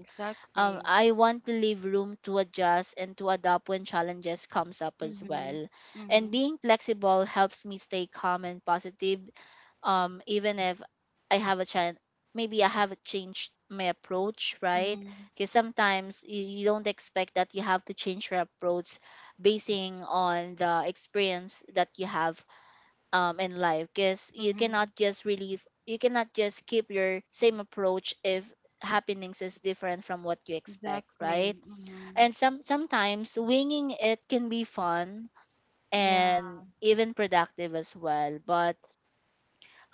Speaker 1: exactly.
Speaker 2: I want to leave room to adjust and to adapt when challenges comes up as
Speaker 1: Mhm.
Speaker 2: well. And
Speaker 1: Mhm.
Speaker 2: being flexible helps me stay calm and positive, even if I have a challenge. Maybe I have changed my approach, right?
Speaker 1: Mhm.
Speaker 2: Because sometimes you don't expect that you have to change your approach basing on the experience that you have in life, because you cannot
Speaker 1: Mhm.
Speaker 2: just relieve you cannot just keep your same approach if happenings is different from what you expect, right?
Speaker 1: Exactly. Mhm.
Speaker 2: And sometimes winging it can be fun
Speaker 1: Yeah,
Speaker 2: and even productive as well, but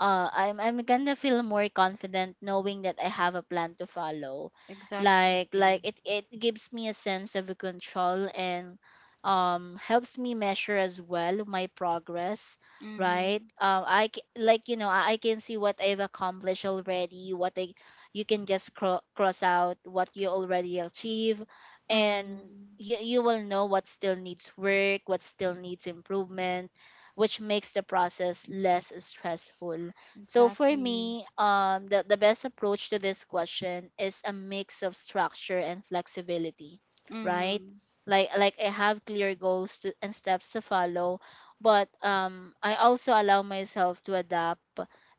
Speaker 2: I'm gonna feel more confident knowing that I have a plan to follow.
Speaker 1: exactly.
Speaker 2: Like it gives me a sense of control and helps me measure as well my progress, right?
Speaker 1: Mhm.
Speaker 2: I like you know I can see what I've accomplished already. What I You can just cross out what you already achieve, and
Speaker 1: Mm.
Speaker 2: you will know what still needs work, what still needs improvement, which makes the process less stressful. So for
Speaker 1: Exactly.
Speaker 2: me, the best approach to this question is a mix of structure and flexibility, right?
Speaker 1: Mhm.
Speaker 2: Like I have clear goals to, and steps to follow, but I also allow myself to adapt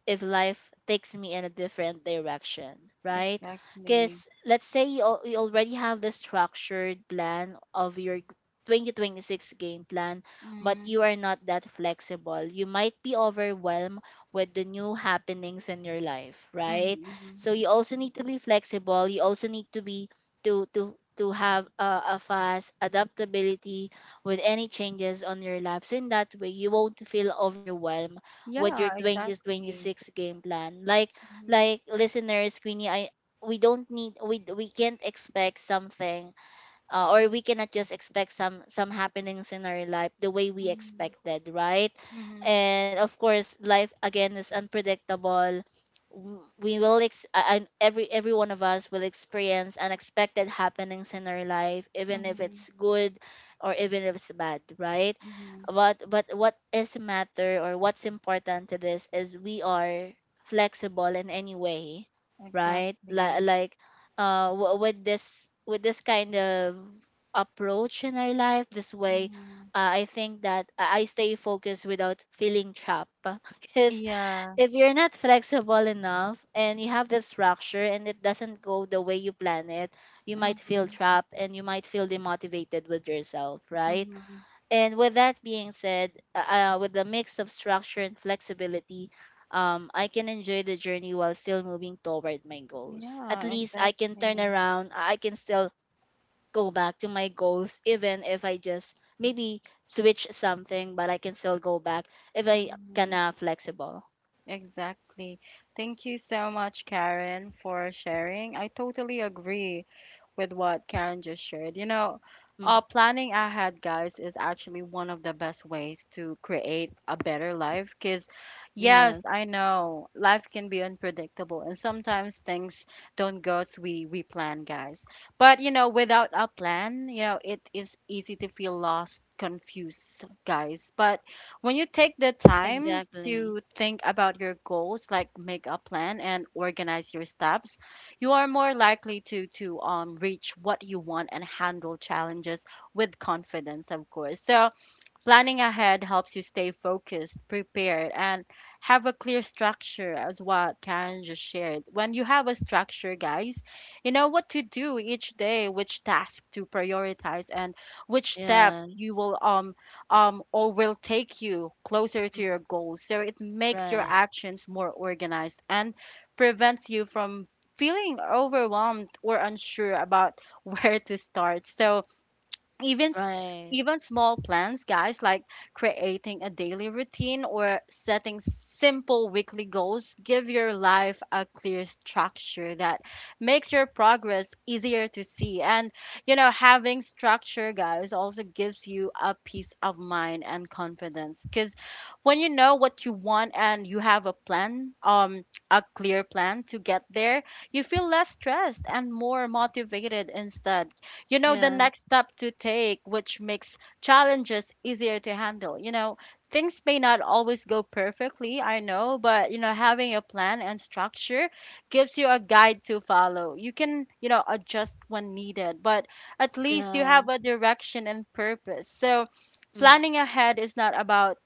Speaker 2: if life takes me in a different direction, right?
Speaker 1: Exactly.
Speaker 2: Because let's say you, you already have the structured plan of your 2026 game plan but
Speaker 1: Mhm.
Speaker 2: you are not that flexible. You might be overwhelmed with the new happenings in your life, right?
Speaker 1: Mhm. Mhm.
Speaker 2: So you also need to be flexible. You also need to be to have a fast adaptability with any changes on your life. So in that way, you won't feel overwhelmed with your
Speaker 1: Yeah, exactly.
Speaker 2: 2026 game plan. Like
Speaker 1: Mhm.
Speaker 2: like listeners, Queenie, I we don't need we can't expect something, or we cannot just expect some happenings in our life the way we
Speaker 1: Mhm.
Speaker 2: expected, right?
Speaker 1: Mhm.
Speaker 2: And of course, life again is unpredictable. W- we will ex- a- and every one of us will experience unexpected happenings in our life, even if
Speaker 1: Mhm.
Speaker 2: it's good or even if it's bad, right?
Speaker 1: Mhm.
Speaker 2: But what is matter or what's important to this is we are flexible in any way, right? Li-
Speaker 1: Exactly.
Speaker 2: like uh w- with this with this kind of approach in our life, this way,
Speaker 1: Mhm.
Speaker 2: I think that I stay focused without feeling trapped because
Speaker 1: Yeah.
Speaker 2: if you're not flexible enough and you have this structure and it doesn't go the way you plan it, you might feel
Speaker 1: Mhm.
Speaker 2: trapped and you might feel demotivated with yourself, right?
Speaker 1: Mhm.
Speaker 2: And with that being said, with the mix of structure and flexibility, I can enjoy the journey while still moving toward my goals. At
Speaker 1: Yeah,
Speaker 2: least I can turn
Speaker 1: exactly.
Speaker 2: around, I can still go back to my goals, even if I just maybe switch something, but I can still go back if I
Speaker 1: Mhm.
Speaker 2: kind of flexible.
Speaker 1: Exactly. Thank you so much, Karen, for sharing. I totally agree with what Karen just shared. You know,
Speaker 2: Mhm.
Speaker 1: planning ahead, guys, is actually one of the best ways to create a better life. Because, yes, I
Speaker 2: Yes,
Speaker 1: know life can be unpredictable, and sometimes things don't go as we plan, guys. But you know, without a plan, you know, it is easy to feel lost, confused, guys. But when you take the time to
Speaker 2: exactly.
Speaker 1: think about your goals, like make a plan and organize your steps, you are more likely to reach what you want and handle challenges with confidence, of course. So planning ahead helps you stay focused, prepared, and have a clear structure, as what Karen just shared. When you have a structure, guys, you know what to do each day, which task to prioritize, and which step you
Speaker 2: Yes.
Speaker 1: will or will take you closer to your
Speaker 2: Mm,
Speaker 1: goals. So it makes your
Speaker 2: right,
Speaker 1: actions more organized and prevents you from feeling overwhelmed or unsure about where to start. So even s-
Speaker 2: right.
Speaker 1: even small plans, guys, like creating a daily routine or setting simple weekly goals give your life a clear structure that makes your progress easier to see. And you know, having structure, guys, also gives you a peace of mind and confidence because when you know what you want and you have a plan, a clear plan to get there, you feel less stressed and more motivated. Instead, you know the next
Speaker 2: Yes,
Speaker 1: step to take, which makes challenges easier to handle. You know, things may not always go perfectly, I know, but you know, having a plan and structure gives you a guide to follow. You can, you know, adjust when needed, but at least you have
Speaker 2: yeah.
Speaker 1: a direction and purpose. So,
Speaker 2: Mm-hmm.
Speaker 1: planning ahead is not about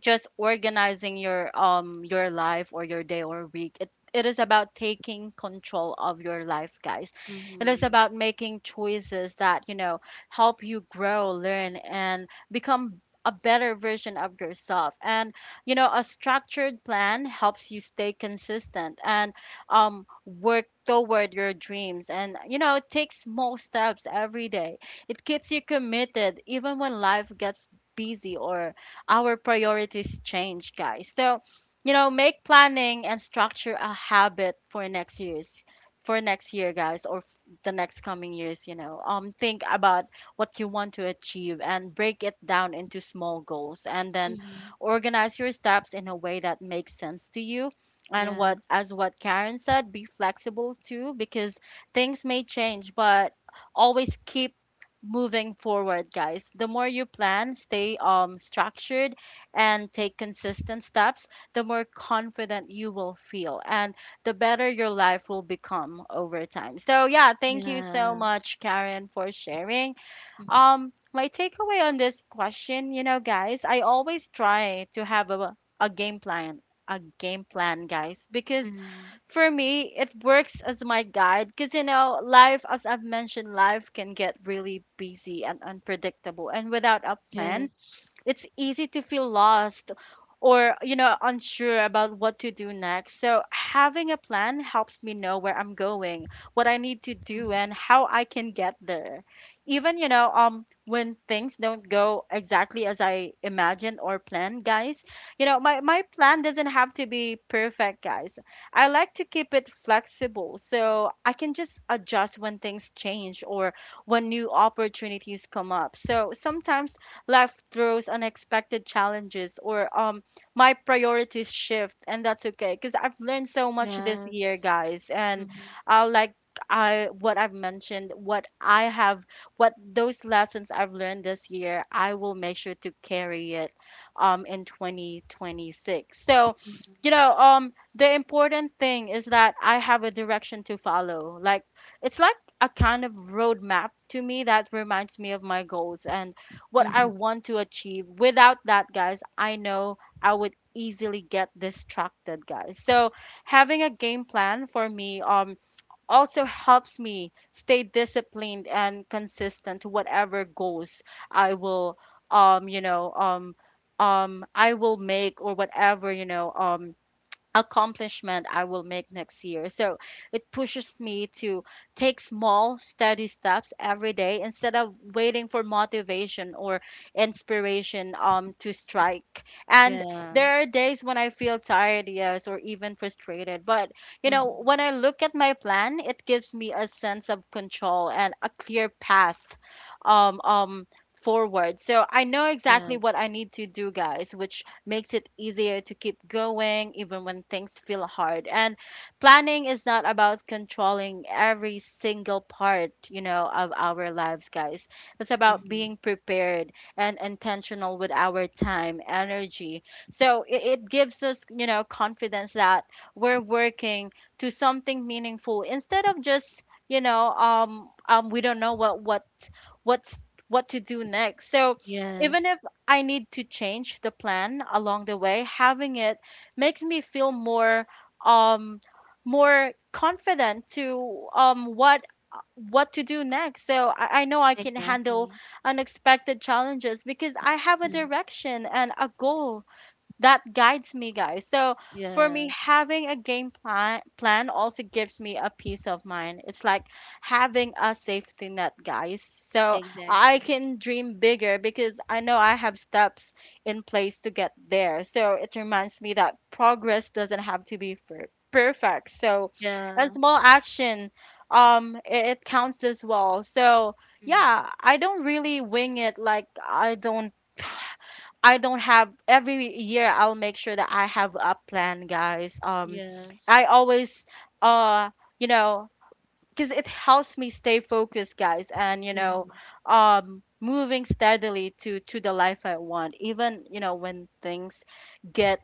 Speaker 1: just organizing your life or your day or week. It is about taking control of your life, guys. It is about making choices that, you know, help you grow, learn, and become a better version of yourself. And you know, a structured plan helps you stay consistent and work toward your dreams. And you know, it takes small steps every day. It keeps you committed even when life gets busy or our priorities change, guys. So, you know, make planning and structure a habit for next year's for next year, guys, the next coming years, you know. Think about what you want to achieve and break it down into small goals, and then
Speaker 2: Mm-hmm.
Speaker 1: organize your steps in a way that makes sense to you. And what as
Speaker 2: Yes.
Speaker 1: what Karen said, be flexible too because things may change, but always keep moving forward, guys. The more you plan, stay structured, and take consistent steps, the more confident you will feel and the better your life will become over time. So yeah, thank you so
Speaker 2: Yeah.
Speaker 1: much, Karen, for sharing.
Speaker 2: Mhm.
Speaker 1: My takeaway on this question, you know, guys, I always try to have a game plan, a game plan, guys, because
Speaker 2: Mhm.
Speaker 1: for me, it works as my guide because, you know, life, as I've mentioned, life can get really busy and unpredictable. And without a plan,
Speaker 2: Yes.
Speaker 1: it's easy to feel lost or, you know, unsure about what to do next. So having a plan helps me know where I'm going, what I need to do,
Speaker 2: Mhm.
Speaker 1: and how I can get there, even, you know, when things don't go exactly as I imagined or planned, guys. You know, my plan doesn't have to be perfect, guys. I like to keep it flexible so I can just adjust when things change or when new opportunities come up. So sometimes life throws unexpected challenges, or my priorities shift, and that's okay because I've learned so much this year,
Speaker 2: Yes.
Speaker 1: guys. And
Speaker 2: Mhm.
Speaker 1: I like I what I've mentioned what I have what those lessons I've learned this year, I will make sure to carry it in 2026. So
Speaker 2: Mhm.
Speaker 1: you know, the important thing is that I have a direction to follow, like it's like a kind of roadmap to me that reminds me of my goals and what I
Speaker 2: Mhm.
Speaker 1: want to achieve. Without that, guys, I know I would easily get distracted, guys. So having a game plan for me also helps me stay disciplined and consistent to whatever goals I will um you know um I will make, or whatever, you know, accomplishment I will make next year. So it pushes me to take small, steady steps every day instead of waiting for motivation or inspiration, to strike. And
Speaker 2: Yeah.
Speaker 1: there are days when I feel tired, yes, or even frustrated. But, you know, when
Speaker 2: Mhm.
Speaker 1: I look at my plan, it gives me a sense of control and a clear path, um, um, forward. So I know exactly what I
Speaker 2: Yes.
Speaker 1: need to do, guys, which makes it easier to keep going even when things feel hard. And planning is not about controlling every single part, you know, of our lives, guys. It's about being
Speaker 2: Mhm.
Speaker 1: prepared and intentional with our time, energy. So it gives us, you know, confidence that we're working to something meaningful instead of just, you know, we don't know what's what to do next. So even if
Speaker 2: Yes.
Speaker 1: I need to change the plan along the way, having it makes me feel more, um more confident to what to do next. So I know I can handle
Speaker 2: Exactly.
Speaker 1: unexpected challenges because I have a
Speaker 2: Mhm.
Speaker 1: direction and a goal that guides me, guys. So for me,
Speaker 2: Yes.
Speaker 1: having a game plan also gives me a peace of mind. It's like having a safety net, guys. So I
Speaker 2: Exactly.
Speaker 1: can dream bigger because I know I have steps in place to get there. So it reminds me that progress doesn't have to be perfect. So a
Speaker 2: Yeah.
Speaker 1: small action, it counts as well. So
Speaker 2: Mhm.
Speaker 1: yeah, I don't really wing it, like I don't I don't have every year I'll make sure that I have a plan, guys. I
Speaker 2: Yes.
Speaker 1: always uh you know, because it helps me stay focused, guys. And you know,
Speaker 2: Mhm.
Speaker 1: moving steadily to the life I want, even, you know, when things get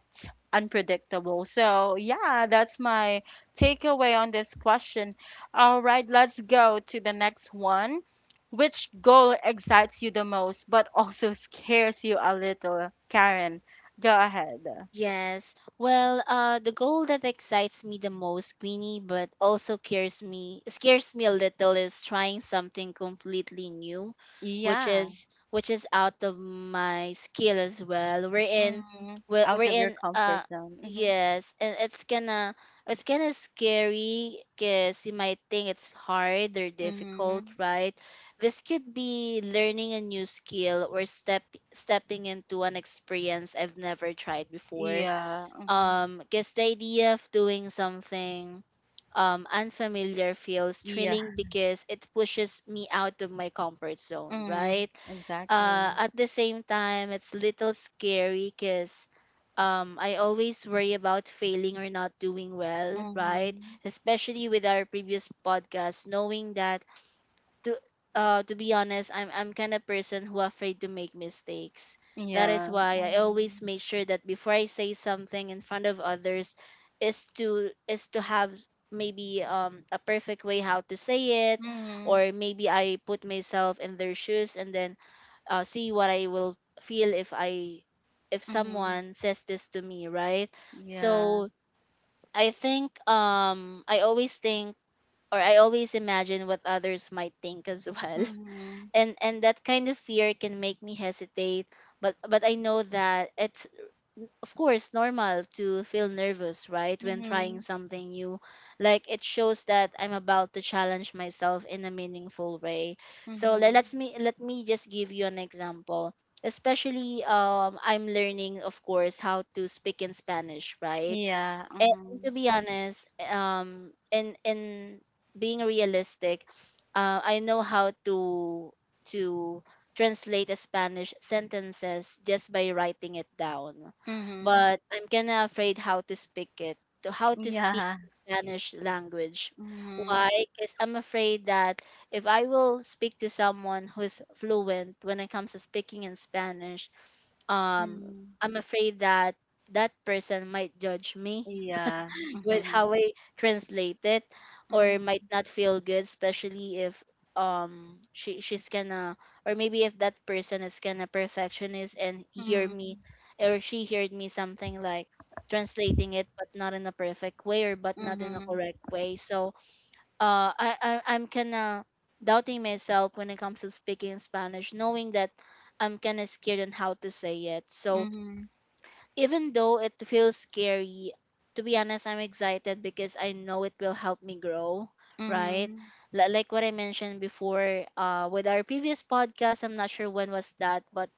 Speaker 1: unpredictable. So yeah, that's my takeaway on this question. All right, let's go to the next one. Which goal excites you the most but also scares you a little, Karen? Go ahead.
Speaker 2: Yes. Well, the goal that excites me the most, Queenie, but also scares me a little, is trying something completely new, which
Speaker 1: Yeah.
Speaker 2: is which is out of my skill as well. We're in,
Speaker 1: Mhm.
Speaker 2: we're,
Speaker 1: Out
Speaker 2: we're
Speaker 1: of your
Speaker 2: in.
Speaker 1: comfort zone.
Speaker 2: Yes, and it's gonna scary because you might think it's hard or
Speaker 1: Hmm,
Speaker 2: difficult,
Speaker 1: hmm.
Speaker 2: right? This could be learning a new skill or stepping into an experience I've never tried before.
Speaker 1: Yeah, mhm.
Speaker 2: Because the idea of doing something unfamiliar feels
Speaker 1: Yeah,
Speaker 2: thrilling because it pushes me out of my comfort zone,
Speaker 1: mhm.
Speaker 2: right?
Speaker 1: Exactly.
Speaker 2: At the same time, it's little scary because I always worry about failing or not doing well, right?
Speaker 1: Mhm.
Speaker 2: Especially with our previous podcast, knowing that to to be honest, I'm kind of person who afraid to make mistakes. That is
Speaker 1: Yeah,
Speaker 2: why I always
Speaker 1: mhm.
Speaker 2: make sure that before I say something in front of others is to have maybe a perfect way how to say it,
Speaker 1: Mhm.
Speaker 2: or maybe I put myself in their shoes and then see what I will feel if
Speaker 1: Mhm.
Speaker 2: someone says this to me, right?
Speaker 1: Yeah.
Speaker 2: So I think I always think or I always imagine what others might think as well,
Speaker 1: Mhm.
Speaker 2: and that kind of fear can make me hesitate, but I know that it's of course normal to feel nervous, right, when trying
Speaker 1: Mhm.
Speaker 2: something new, like it shows that I'm about to challenge myself in a meaningful way. So let, let's
Speaker 1: Mhm.
Speaker 2: me let me just give you an example. Especially I'm learning of course how to speak in Spanish, right?
Speaker 1: Yeah,
Speaker 2: And to
Speaker 1: mhm.
Speaker 2: be honest, in being realistic, I know how to to translate a Spanish sentences just by writing it down,
Speaker 1: Mhm.
Speaker 2: but I'm kinda afraid how to speak it, to how to speak
Speaker 1: Yeah.
Speaker 2: the Spanish language. Why?
Speaker 1: Mhm.
Speaker 2: Because I'm afraid that if I will speak to someone who's fluent when it comes to speaking in Spanish, um,
Speaker 1: Mhm.
Speaker 2: I'm afraid that that person might judge me
Speaker 1: Yeah.
Speaker 2: with
Speaker 1: Mhm.
Speaker 2: how I translate it, or
Speaker 1: Mhm.
Speaker 2: might not feel good, especially if she's gonna, or maybe if that person is gonna perfectionist and hear me, or she heard me something like translating it but not in a perfect way, or but not in a
Speaker 1: Mhm.
Speaker 2: correct way. So I'm kinda doubting myself when it comes to speaking Spanish, knowing that I'm kinda scared on how to say it.
Speaker 1: Mhm.
Speaker 2: So
Speaker 1: Mhm.
Speaker 2: even though it feels scary, to be honest, I'm excited because I know it will help me grow, right?
Speaker 1: Mhm.
Speaker 2: Like what I mentioned before, with our previous podcast, I'm not sure when was that, but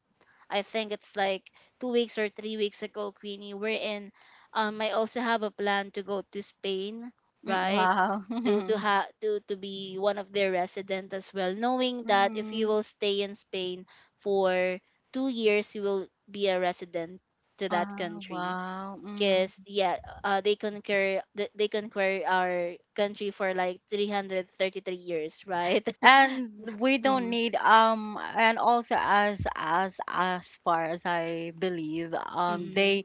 Speaker 2: I think it's like 2 weeks or 3 weeks ago, Queenie, wherein I also have a plan to go to Spain,
Speaker 1: Mm,
Speaker 2: right?
Speaker 1: wow.
Speaker 2: To ha to be one of their resident as well, knowing that if you
Speaker 1: Mhm.
Speaker 2: will stay in Spain for 2 years you will be a resident to that country,
Speaker 1: Wow. Mhm.
Speaker 2: because yeah, they conquer our country for like 333 years, right?
Speaker 1: And we don't
Speaker 2: Mm-hmm,
Speaker 1: need, and also, as far as I believe,
Speaker 2: mm-hmm.
Speaker 1: they,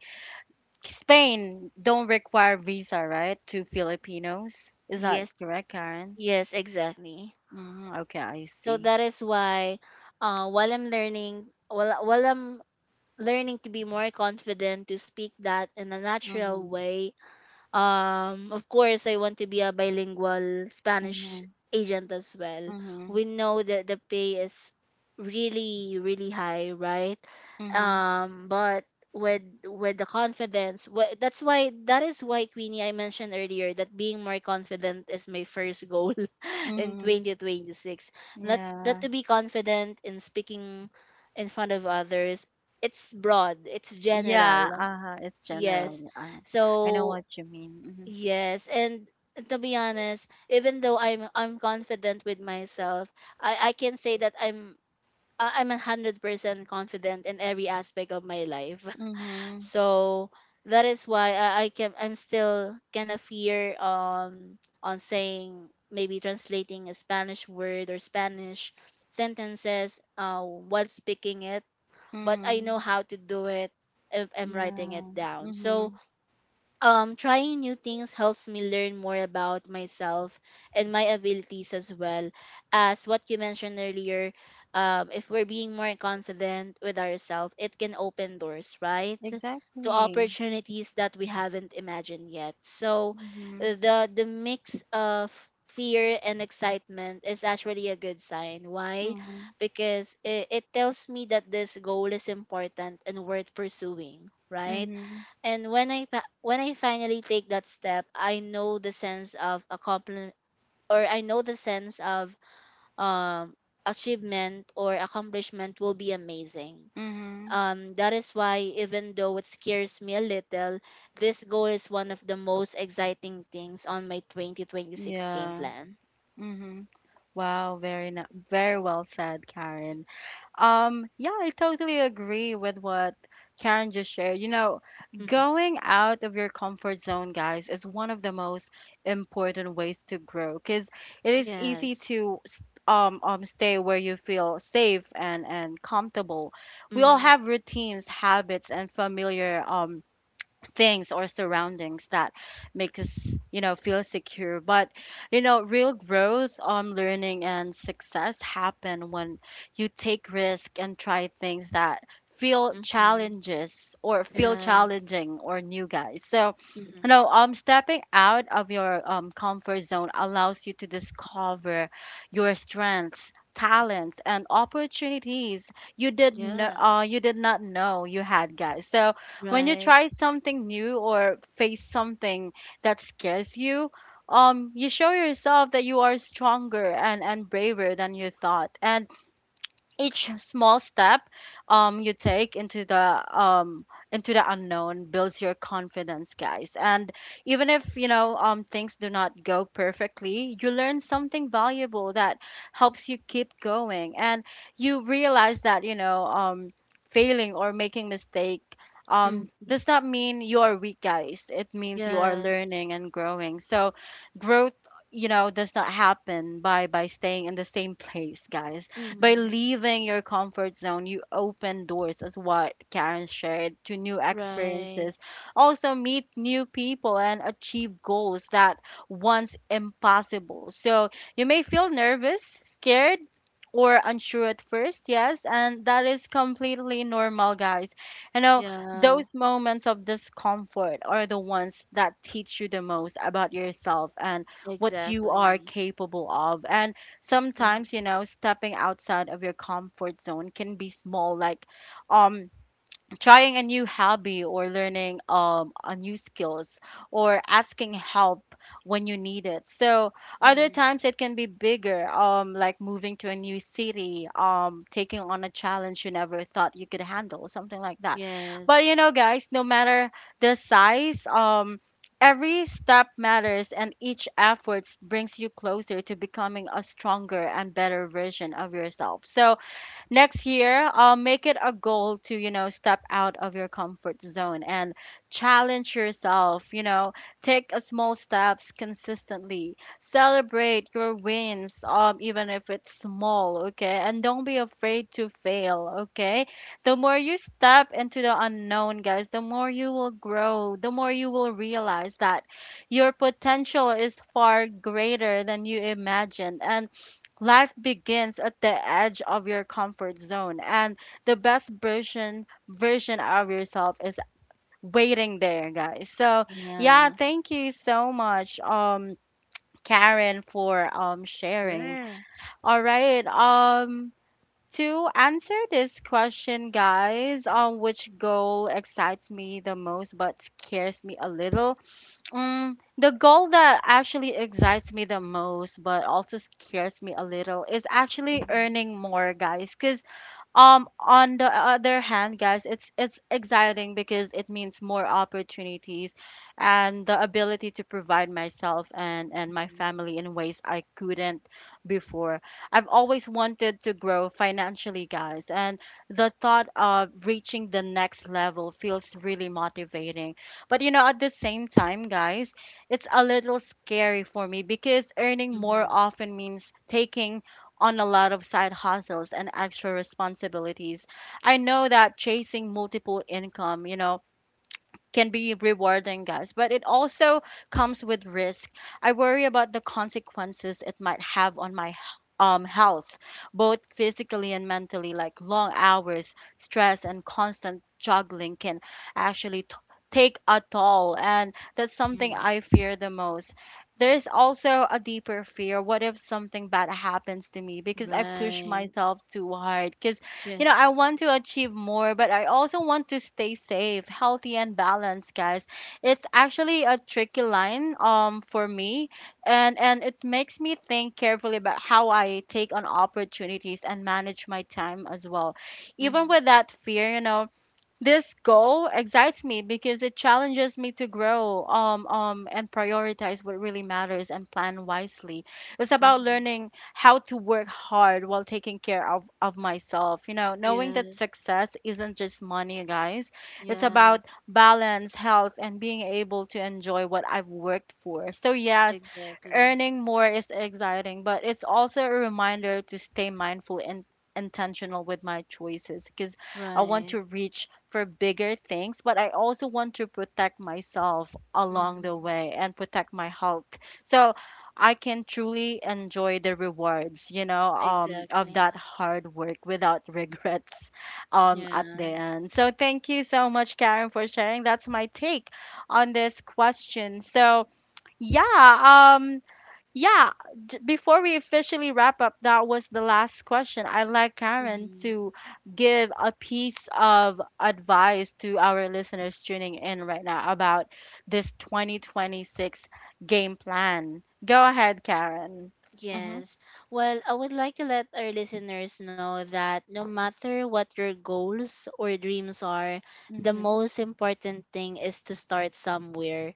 Speaker 1: Spain don't require visa, right, to Filipinos? Is that
Speaker 2: Yes,
Speaker 1: correct, Karen?
Speaker 2: yes, exactly.
Speaker 1: Hmm, okay, I
Speaker 2: So
Speaker 1: see.
Speaker 2: that is why, while I'm learning, while I'm learning to be more confident to speak that in a natural
Speaker 1: Mm-hmm,
Speaker 2: way. Of course, I want to be a bilingual Spanish
Speaker 1: mm-hmm,
Speaker 2: agent as well.
Speaker 1: mm-hmm,
Speaker 2: We know that the pay is really, really high, right?
Speaker 1: mm-hmm,
Speaker 2: But with the confidence, that is why, Queenie, I mentioned earlier that being more confident is my first goal in
Speaker 1: mm-hmm.
Speaker 2: 2026. Not that
Speaker 1: Yeah.
Speaker 2: to be confident in speaking in front of others. It's broad. It's
Speaker 1: Yeah,
Speaker 2: general.
Speaker 1: uh-huh, it's
Speaker 2: Yes.
Speaker 1: general. Uh, I know
Speaker 2: So
Speaker 1: what you mean.
Speaker 2: yes, and to be honest, even though I'm confident with myself, I can say that I'm 100% confident in every aspect of my life.
Speaker 1: Mm-hmm, mm-hmm,
Speaker 2: So that is why, I'm still kind of fear on saying maybe translating a Spanish word or Spanish sentences while speaking it, but I
Speaker 1: mm-hmm,
Speaker 2: know how to do it if I'm writing it
Speaker 1: yeah,
Speaker 2: down. So
Speaker 1: mm-hmm,
Speaker 2: trying new things helps me learn more about myself and my abilities as well, as what you mentioned earlier, if we're being more confident with ourselves, it can open doors, right, to
Speaker 1: exactly.
Speaker 2: opportunities that we haven't imagined yet. So,
Speaker 1: Mm-hmm,
Speaker 2: the mix of fear and excitement is actually a good sign. Why?
Speaker 1: mm-hmm.
Speaker 2: Because it tells me that this goal is important and worth pursuing, right?
Speaker 1: Mhm.
Speaker 2: And when I finally take that step, I know the sense of accomplishment, or I know the sense of um achievement or accomplishment will be amazing.
Speaker 1: Mhm.
Speaker 2: That is why, even though it scares me a little, this goal is one of the most exciting things on my 2026 game
Speaker 1: Yeah.
Speaker 2: plan.
Speaker 1: Mhm. Wow, very well said, Karen. Yeah, I totally agree with what Karen just shared. You know,
Speaker 2: Hmm.
Speaker 1: going out of your comfort zone, guys, is one of the most important ways to grow because it is easy
Speaker 2: Yes.
Speaker 1: to stay where you feel safe and comfortable. We all
Speaker 2: Mm-hmm.
Speaker 1: have routines, habits, and familiar things or surroundings that make us, you know, feel secure. But you know, real growth, learning, and success happen when you take risk and try things that feel
Speaker 2: Mm-hmm.
Speaker 1: challenges or feel
Speaker 2: Yes.
Speaker 1: challenging or new, guys. So
Speaker 2: Mm-hmm.
Speaker 1: you know, stepping out of your comfort zone allows you to discover your strengths, talents, and opportunities you did know,
Speaker 2: Yeah.
Speaker 1: you did not know you had, guys. So when you
Speaker 2: Right.
Speaker 1: try something new or face something that scares you, you show yourself that you are stronger and, braver than you thought. And each small step, you take into the, into the unknown builds your confidence, guys. And even if, you know, things do not go perfectly, you learn something valuable that helps you keep going. And you realize that, you know, failing or making mistake,
Speaker 2: Mm-hmm.
Speaker 1: does not mean you are weak, guys. It means you are
Speaker 2: Yes.
Speaker 1: learning and growing. So growth, you know, does not happen by staying in the same place, guys. By
Speaker 2: Mm-hmm.
Speaker 1: leaving your comfort zone, you open doors, as what Karen shared, to new
Speaker 2: Right.
Speaker 1: experiences. Also, meet new people and achieve goals that once impossible. So, you may feel nervous, scared, or unsure at first, yes, and that is completely normal, guys. You know,
Speaker 2: Yeah.
Speaker 1: those moments of discomfort are the ones that teach you the most about yourself and what you are
Speaker 2: Exactly.
Speaker 1: capable of. And sometimes,
Speaker 2: Mm-hmm.
Speaker 1: you know, stepping outside of your comfort zone can be small, like um trying a new hobby or learning a new skills, or asking help when you need it. So other
Speaker 2: Mm-hmm.
Speaker 1: times it can be bigger, like moving to a new city, taking on a challenge you never thought you could handle, something like that. But
Speaker 2: Yes.
Speaker 1: you know, guys, no matter the size, every step matters, and each effort brings you closer to becoming a stronger and better version of yourself. So next year, make it a goal to, you know, step out of your comfort zone and challenge yourself. You know, take a small steps consistently, celebrate your wins, even if it's small, okay, and don't be afraid to fail, okay. The more you step into the unknown, guys, the more you will grow, the more you will realize that your potential is far greater than you imagined. And life begins at the edge of your comfort zone, and the best version of yourself is waiting there, guys. So, yeah,
Speaker 2: Yeah.
Speaker 1: thank you so much, Karen, for sharing.
Speaker 2: Sure.
Speaker 1: All right. To answer this question, guys, which goal excites me the most but scares me a little? The goal that actually excites me the most, but also scares me a little, is actually
Speaker 2: Mm-hmm.
Speaker 1: earning more, guys. On the other hand, guys, it's exciting because it means more opportunities and the ability to provide myself and my
Speaker 2: Mm-hmm.
Speaker 1: family in ways I couldn't before. I've always wanted to grow financially, guys, and the thought of reaching the next level feels really motivating. But you know, at the same time, guys, it's a little scary for me because earning more
Speaker 2: Mm-hmm.
Speaker 1: often means taking on a lot of side hustles and extra responsibilities. I know that chasing multiple income, you know, can be rewarding, guys, but it also comes with risk. I worry about the consequences it might have on my health, both physically and mentally. Like long hours, stress, and constant juggling can actually take a toll. And that's something
Speaker 2: Mm.
Speaker 1: I fear the most. There's also a deeper fear. What if something bad happens to me because I push
Speaker 2: Right.
Speaker 1: myself too hard? Because you know, I
Speaker 2: Yes.
Speaker 1: want to achieve more, but I also want to stay safe, healthy, and balanced, guys. It's actually a tricky line for me, and it makes me think carefully about how I take on opportunities and manage my time as well. Even
Speaker 2: Mm-hmm.
Speaker 1: with that fear, you know, this goal excites me because it challenges me to grow, and prioritize what really matters and plan wisely. It's about
Speaker 2: Mm-hmm.
Speaker 1: learning how to work hard while taking care of myself. You know, knowing that
Speaker 2: Yes.
Speaker 1: success isn't just money, guys. It's
Speaker 2: Yeah.
Speaker 1: about balance, health, and being able to enjoy what I've worked for. So, yes,
Speaker 2: Exactly.
Speaker 1: earning more is exciting, but it's also a reminder to stay mindful and intentional with my choices, because I want
Speaker 2: Right.
Speaker 1: to reach for bigger things, but I also want to protect myself along
Speaker 2: Mm-hmm.
Speaker 1: the way and protect my health. So I can truly enjoy the rewards, you know, of that
Speaker 2: Exactly.
Speaker 1: hard work without regrets, at the
Speaker 2: Yeah.
Speaker 1: end. So thank you so much, Karen, for sharing. That's my take on this question. So yeah, yeah, before we officially wrap up, that was the last question. I'd like Karen
Speaker 2: Mm-hmm.
Speaker 1: to give a piece of advice to our listeners tuning in right now about this 2026 game plan. Go ahead, Karen. Mm-hmm.
Speaker 2: Yes. Well, I would like to let our listeners know that no matter what your goals or dreams are, the
Speaker 1: Mm-hmm.
Speaker 2: most important thing is to start somewhere,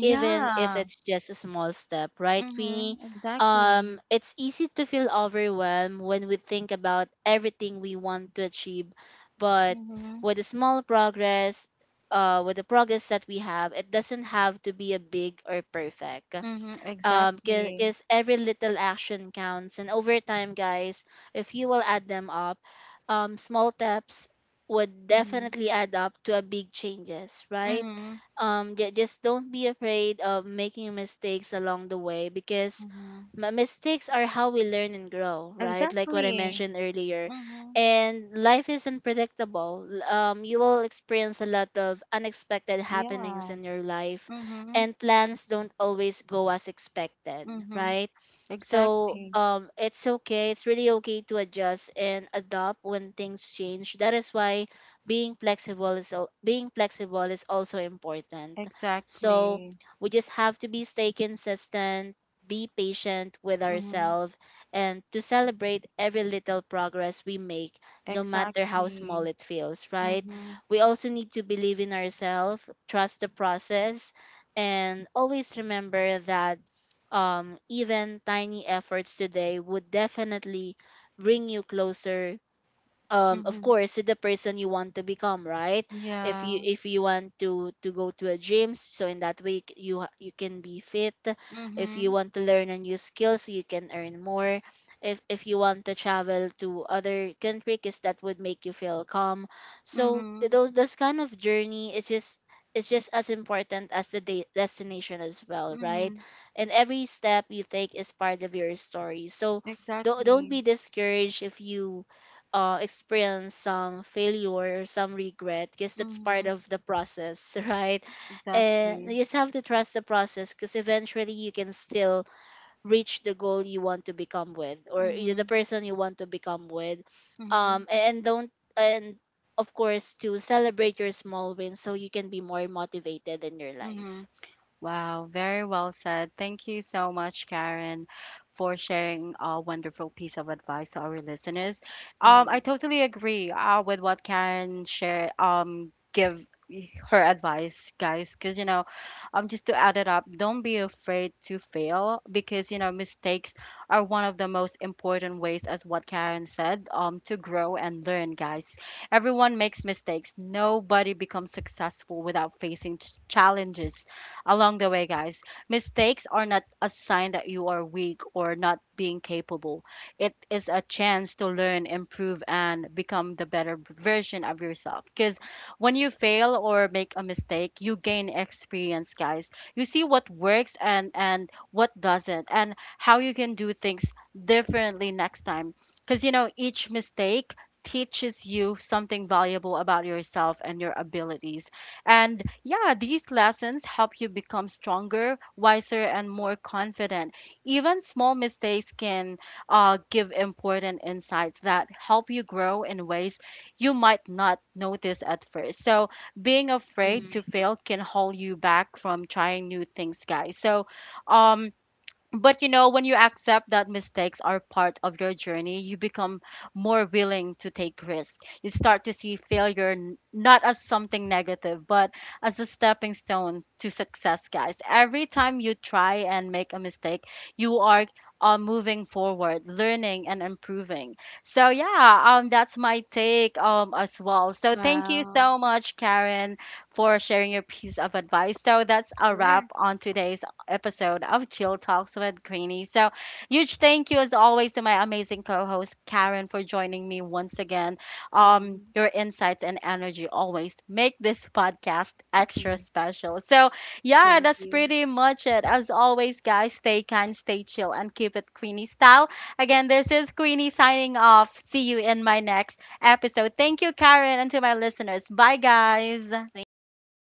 Speaker 2: even if it's just a small step, right, Queenie?
Speaker 1: Mm-hmm. Exactly.
Speaker 2: It's easy to feel overwhelmed when we think about everything we want to achieve, but
Speaker 1: Mm-hmm.
Speaker 2: with a small progress, with the progress that we have, it doesn't have to be a big or perfect,
Speaker 1: Mm-hmm. Exactly.
Speaker 2: because every little action counts, and over time, guys, if you will add them up, small steps would
Speaker 1: Mm-hmm.
Speaker 2: definitely add up to a big changes, right?
Speaker 1: Mm-hmm.
Speaker 2: Just don't be afraid of making mistakes along the way, because
Speaker 1: Mm-hmm.
Speaker 2: mistakes are how we learn and grow, right, like what I
Speaker 1: Exactly.
Speaker 2: mentioned earlier.
Speaker 1: Mm-hmm.
Speaker 2: And life is unpredictable. You will experience a lot of unexpected happenings
Speaker 1: Yeah.
Speaker 2: in your life,
Speaker 1: Mm-hmm.
Speaker 2: and plans don't always go as expected,
Speaker 1: Mm-hmm.
Speaker 2: right? So,
Speaker 1: Exactly.
Speaker 2: it's okay. It's really okay to adjust and adopt when things change. That is why being flexible is also important. So
Speaker 1: Exactly.
Speaker 2: we just have to be stay consistent, be patient with
Speaker 1: Mm-hmm.
Speaker 2: ourselves, and to celebrate every little progress we make, no matter how small
Speaker 1: Exactly.
Speaker 2: it feels. Right?
Speaker 1: Mm-hmm.
Speaker 2: We also need to believe in ourselves, trust the process, and always remember that, even tiny efforts today would definitely bring you closer, of
Speaker 1: Mm-hmm.
Speaker 2: course, the person you want to become, right?
Speaker 1: Yeah.
Speaker 2: If you want to go to a gym, so in that way, you can be fit. If you
Speaker 1: Mm-hmm.
Speaker 2: want to learn a new skill, so you can earn more. If you want to travel to other country because that would make you feel calm, so
Speaker 1: Mm-hmm.
Speaker 2: th- those this kind of journey is just, it's just as important as the destination as well, right?
Speaker 1: Mm-hmm.
Speaker 2: And every step you take is part of your story. So don't
Speaker 1: Exactly.
Speaker 2: be discouraged if you experience some failure or some regret because that's part
Speaker 1: Mm-hmm.
Speaker 2: of the process, right? And
Speaker 1: Exactly.
Speaker 2: you just have to trust the process because eventually you can still reach the goal you want to become with, or the
Speaker 1: Mm-hmm.
Speaker 2: person you want to become with.
Speaker 1: Mm-hmm.
Speaker 2: A- and don't, and of course, to celebrate your small wins so you can be more motivated in your
Speaker 1: Mm-hmm.
Speaker 2: life.
Speaker 1: Wow, very well said. Thank you so much, Karen, for sharing a wonderful piece of advice to our listeners.
Speaker 2: Mm-hmm.
Speaker 1: I totally agree, with what Karen shared. Give her advice, guys, because you know, just to add it up, don't be afraid to fail, because you know, mistakes are one of the most important ways, as what Karen said, to grow and learn, guys. Everyone makes mistakes. Nobody becomes successful without facing challenges along the way, guys. Mistakes are not a sign that you are weak or not being capable. It is a chance to learn, improve, and become the better version of yourself. Because when you fail or make a mistake, you gain experience, guys. You see what works, and what doesn't, and how you can do things differently next time. Because you know, each mistake teaches you something valuable about yourself and your abilities. And yeah, these lessons help you become stronger, wiser, and more confident. Even small mistakes can, give important insights that help you grow in ways you might not notice at first. So, being afraid to
Speaker 2: Mm-hmm.
Speaker 1: fail can hold you back from trying new things, guys. So, um, but you know, when you accept that mistakes are part of your journey, you become more willing to take risks. You start to see failure, not as something negative, but as a stepping stone to success, guys. Every time you try and make a mistake, you are, moving forward, learning and improving. So yeah, that's my take, as well. So thank you
Speaker 2: Wow.
Speaker 1: so much, Karen, for sharing your piece of advice. So that's a
Speaker 2: Sure.
Speaker 1: wrap on today's episode of Chill Talks with Queenie. So, huge thank you as always to my amazing co-host Karen for joining me once again.
Speaker 2: Mm-hmm.
Speaker 1: Your insights and energy always make this podcast extra
Speaker 2: Mm-hmm.
Speaker 1: special. So, yeah,
Speaker 2: Thank
Speaker 1: that's
Speaker 2: you.
Speaker 1: pretty much it. As always, guys, stay kind, stay chill, and keep it Queenie style. Again, this is Queenie signing off. See you in my next episode. Thank you, Karen, and to my listeners. Bye, guys.
Speaker 2: Thank you. Bye.